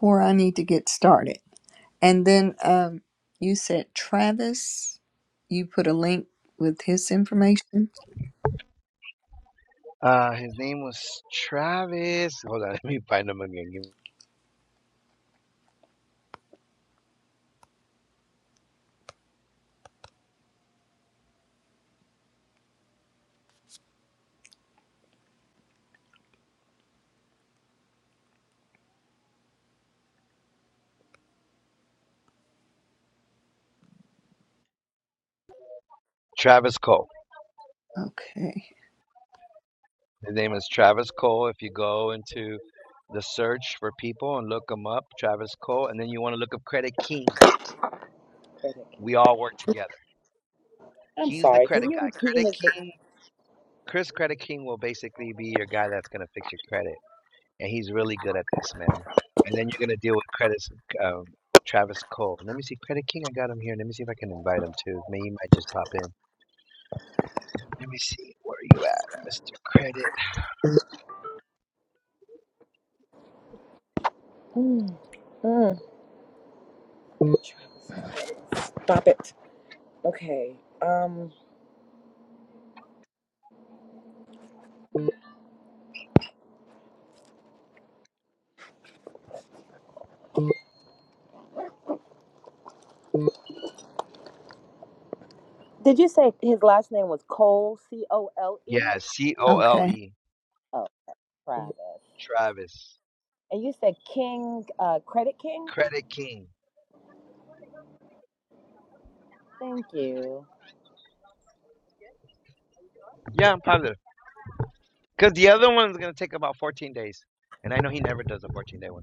S5: where I need to get started. And then um, you said Travis, you put a link with his information.
S4: Uh, his name was Travis. Hold on, let me find him again. Travis Cole.
S5: Okay.
S4: His name is Travis Cole. If you go into the search for people and look him up, Travis Cole, and then you want to look up Credit King.
S3: That it
S4: We
S3: came-
S4: all work together.
S3: I'm
S4: He's the
S3: sorry. Can
S4: credit
S3: you
S4: guy.
S3: repeat
S4: Credit
S3: his?
S4: King, Chris Credit King will basically be your guy that's going to fix your credit. And he's really good at this, man. And then you're going to deal with Credit Um, Travis Cole. Let me see. Credit King, I got him here. Let me see if I can invite him too. Maybe he might just pop in. Let me see. Where are you at, Mr. Credit?
S3: Mm, mm. Travis, Stop it. Okay. Um. Did you say his last name was Cole, C O L E?
S4: Yeah, C O L
S5: Okay.
S4: E.
S3: Oh, Y- Travis.
S4: Travis.
S3: And you said King, uh, Credit King?
S4: Credit King.
S3: Thank you.
S4: Yeah, I'm positive. Because the other one's going to take about 14 days. And I know he never does a 14 day one.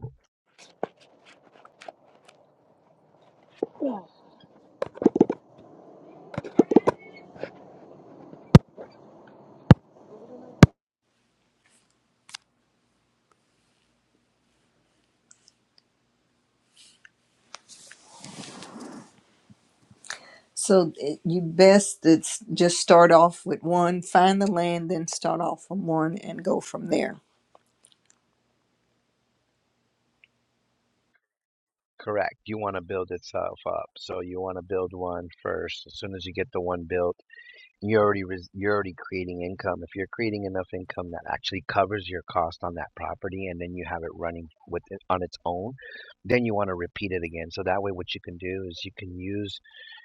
S5: So it- you best it's just start off with one, find the land, then start off from one and go from there.
S4: Correct. You want to build itself up. So you want to build one first. As soon as you get the one built, you're already, res- you're already creating income. If you're creating enough income that actually covers your cost on that property and then you have it running with it on its own, then you want to repeat it again. So that way, what you can do is you can use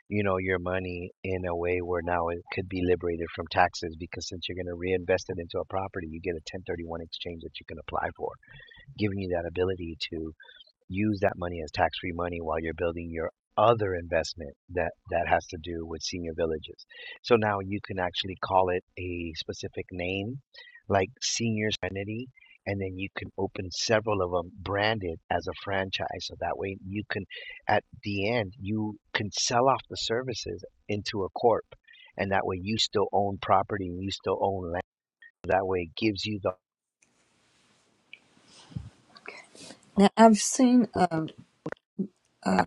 S4: you know your money in a way where now it could be liberated from taxes because since you're going to reinvest it into a property you get a 1031 exchange that you can apply for giving you that ability to use that money as tax-free money while you're building your other investment that that has to do with senior villages. So now you can actually call it a specific name, like Senior Serenity, and then you can open several of them branded as a franchise. So that way you can, at the end, you can sell off the services into a corp, and that way you still own property and you still own land. That way it gives you the
S5: Now I've seen, uh, uh,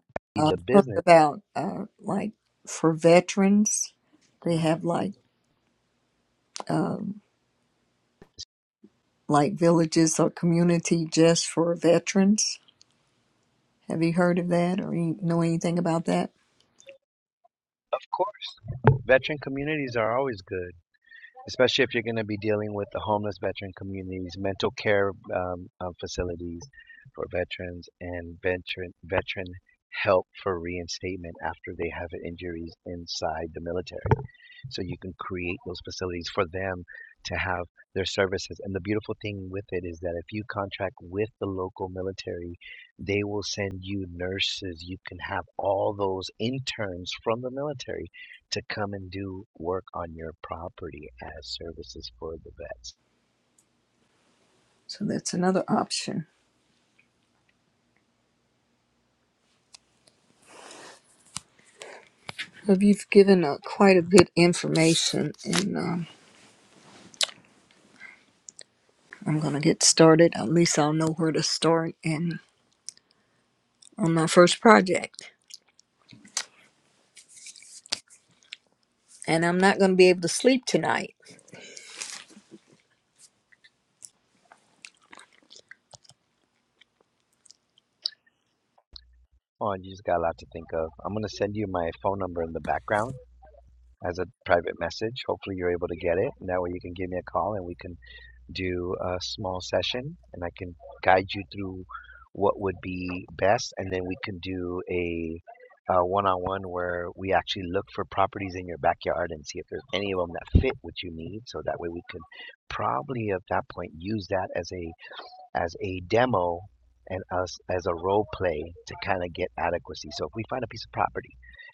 S4: the
S5: I've heard
S4: business.
S5: about uh, like for veterans, they have like um, like villages or community just for veterans. Have you heard of that or you know anything about that?
S4: Of course, veteran communities are always good. especially if you're going to be dealing with the homeless veteran communities, mental care um, um, facilities for veterans, and veteran veteran help for reinstatement after they have injuries inside the military so you can create those facilities for them to have their services. And the beautiful thing with it is that if you contract with the local military, they will send you nurses. You can have all those interns from the military to come and do work on your property as services for the vets.
S5: So that's another option. So you've given uh, quite a bit information, and um, I'm going to get started. At least I'll know where to start and on my first project, and I'm not going to be able to sleep tonight.
S4: Oh, you just got a lot to think of. I'm going to send you my phone number in the background as a private message. Hopefully, you're able to get it. And that way, you can give me a call and we can do a small session and I can guide you through what would be best. And then we can do a uh, one-on-one where we actually look for properties in your backyard and see if there's any of them that fit what you need. So that way we can probably at that point use that as a as a demo and us as a role play to kind of get adequacy. So if we find a piece of property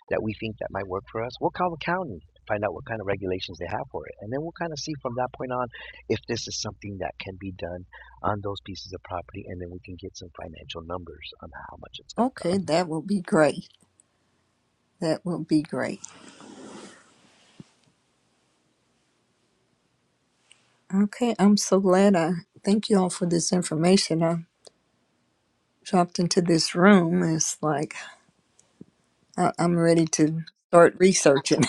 S4: that we think that might work for us, we'll call the county, find out what kind of regulations they have for it, and then we'll kind of see from that point on if this is something that can be done on those pieces of property, and then we can get some financial numbers on how much it's going to cost.
S5: Okay, that will be great. That will be great. Okay, I'm so glad I thank you all for this information. I dropped into this room. It's like I, I'm ready to start researching.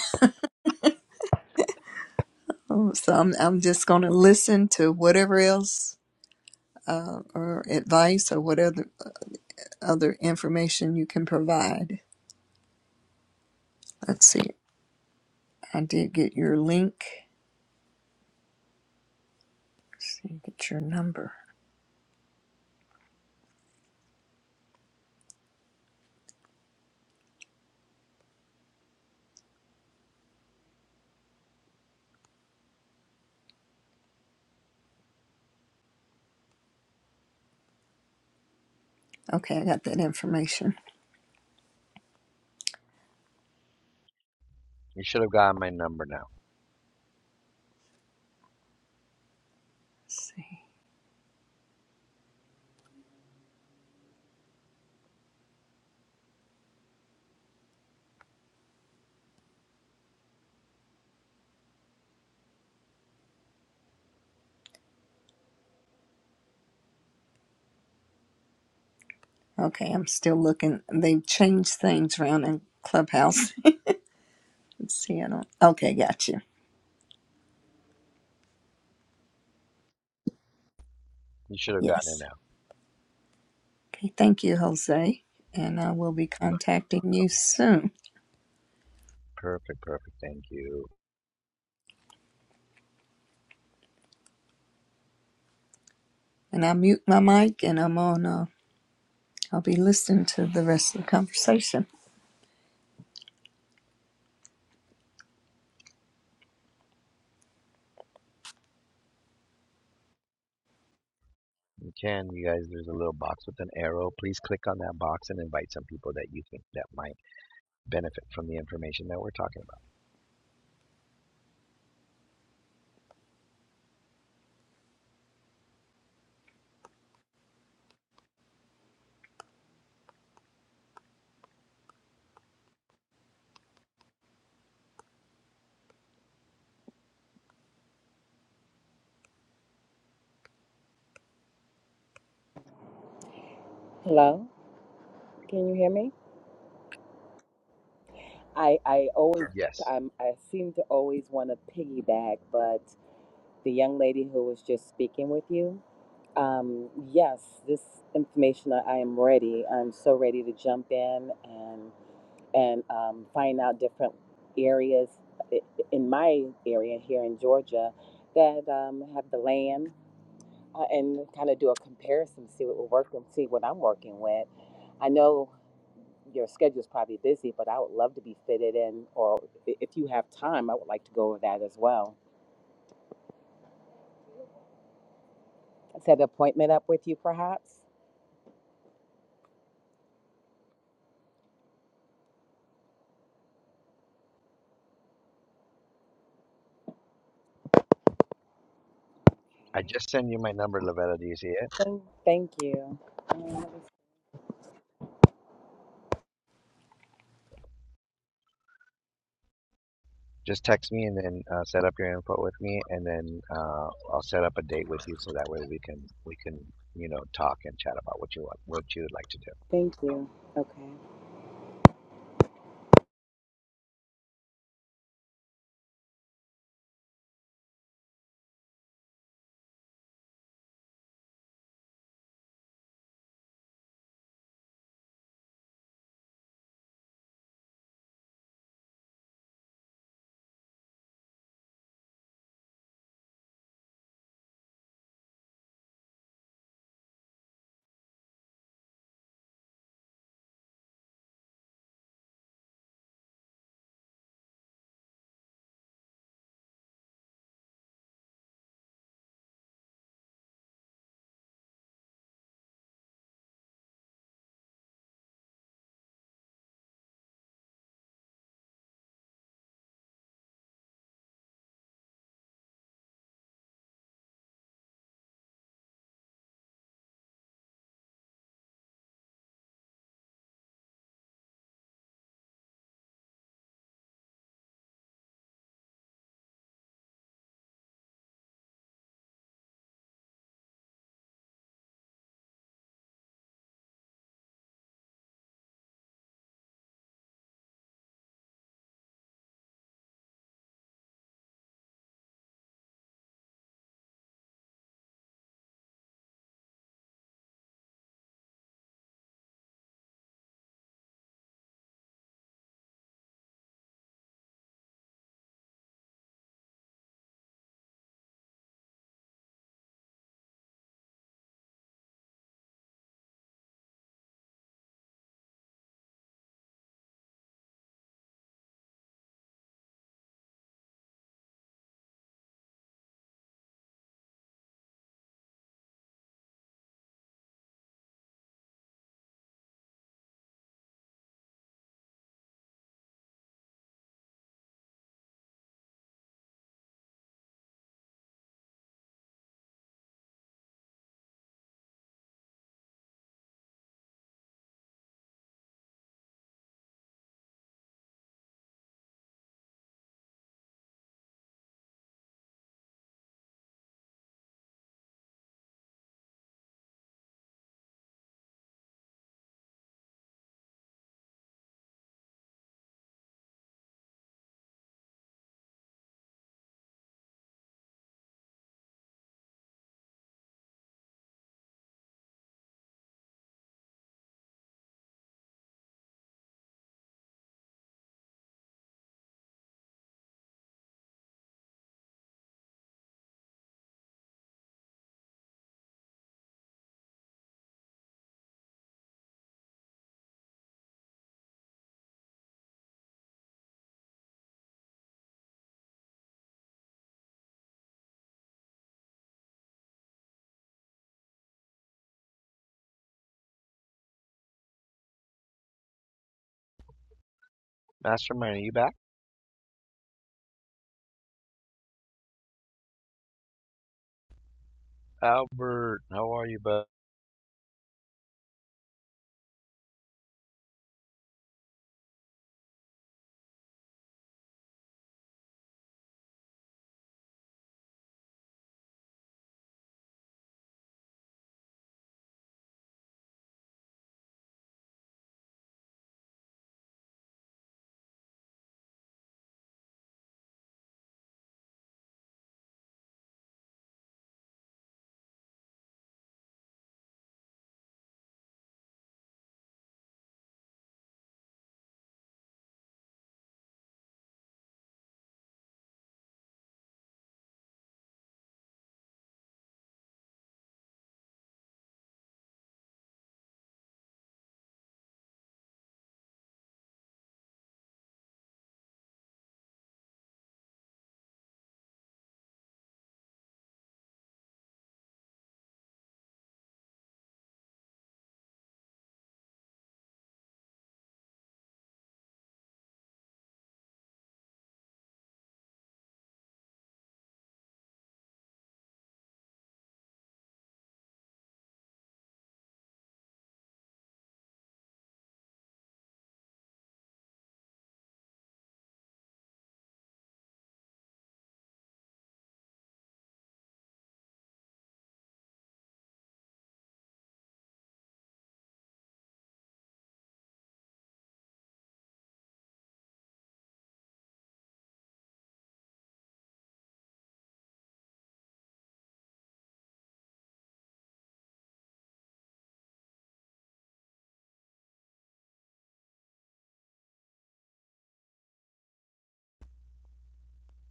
S5: so I'm, I'm just going to listen to whatever else uh, or advice or whatever other information you can provide. Let's see. I did get your link. Let's see, get your number. Okay, I got that information.
S4: You should have gotten my number now.
S5: Let's see. Okay, I'm still looking. They've changed things around in Clubhouse. Let's see, I don't. Okay, got you.
S4: You should have gotten it
S5: Yes.
S4: now.
S5: Okay, thank you, Jose. And I will be
S4: No,
S5: contacting you soon.
S4: Perfect, perfect. Thank you.
S5: And I mute my mic and I'm on, uh, I'll be listening to the rest of the conversation.
S4: You can, you guys, there's a little box with an arrow. Please click on that box and invite some people that you think that might benefit from the information that we're talking about.
S3: Hello? Can you hear me? I, I always,
S4: Yes.
S3: I'm, I seem to always want to piggyback, but the young lady who was just speaking with you, um, yes, this information, I, I am ready. I'm so ready to jump in and um, find out different areas in my area here in Georgia that um, have the land uh, and kind of do a comparison, see what will work and see what I'm working with. I know your schedule is probably busy, but I would love to be fitted in, or i- if you have time, I would like to go over that as well. Set an appointment up with you, perhaps?
S4: I
S3: Okay.
S4: just send you my number, Lavetta. Do you see it?
S3: Thank thank you. Um,
S4: Just text me and then uh, set up your info with me, and then uh, I'll set up a date with you, so that way we can we can you know talk and chat about what you want, what you would like to do.
S3: Thank you. Okay.
S4: Mastermind, are you back? Albert, how are you, bud?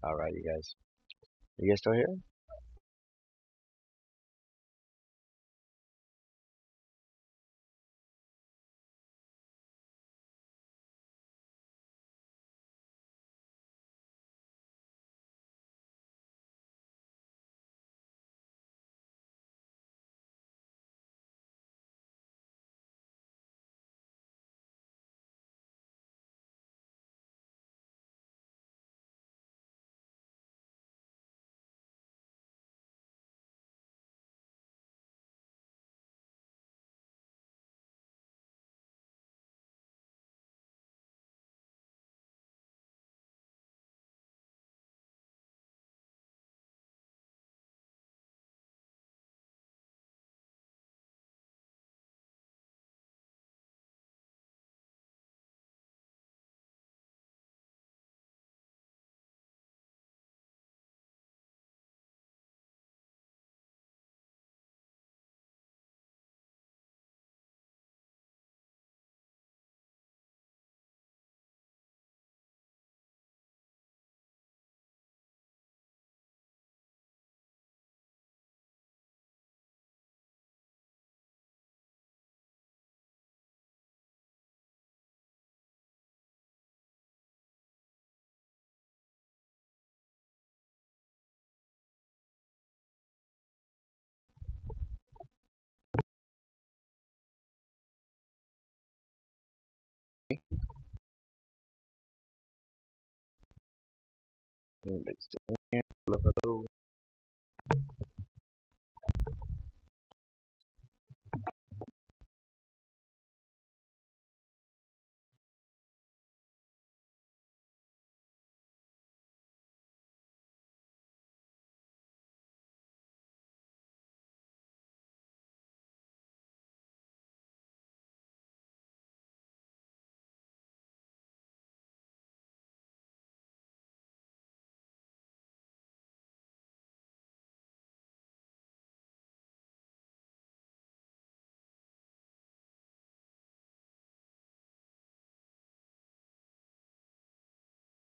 S4: All right, you guys. Are You guys still here? Anybody's still here?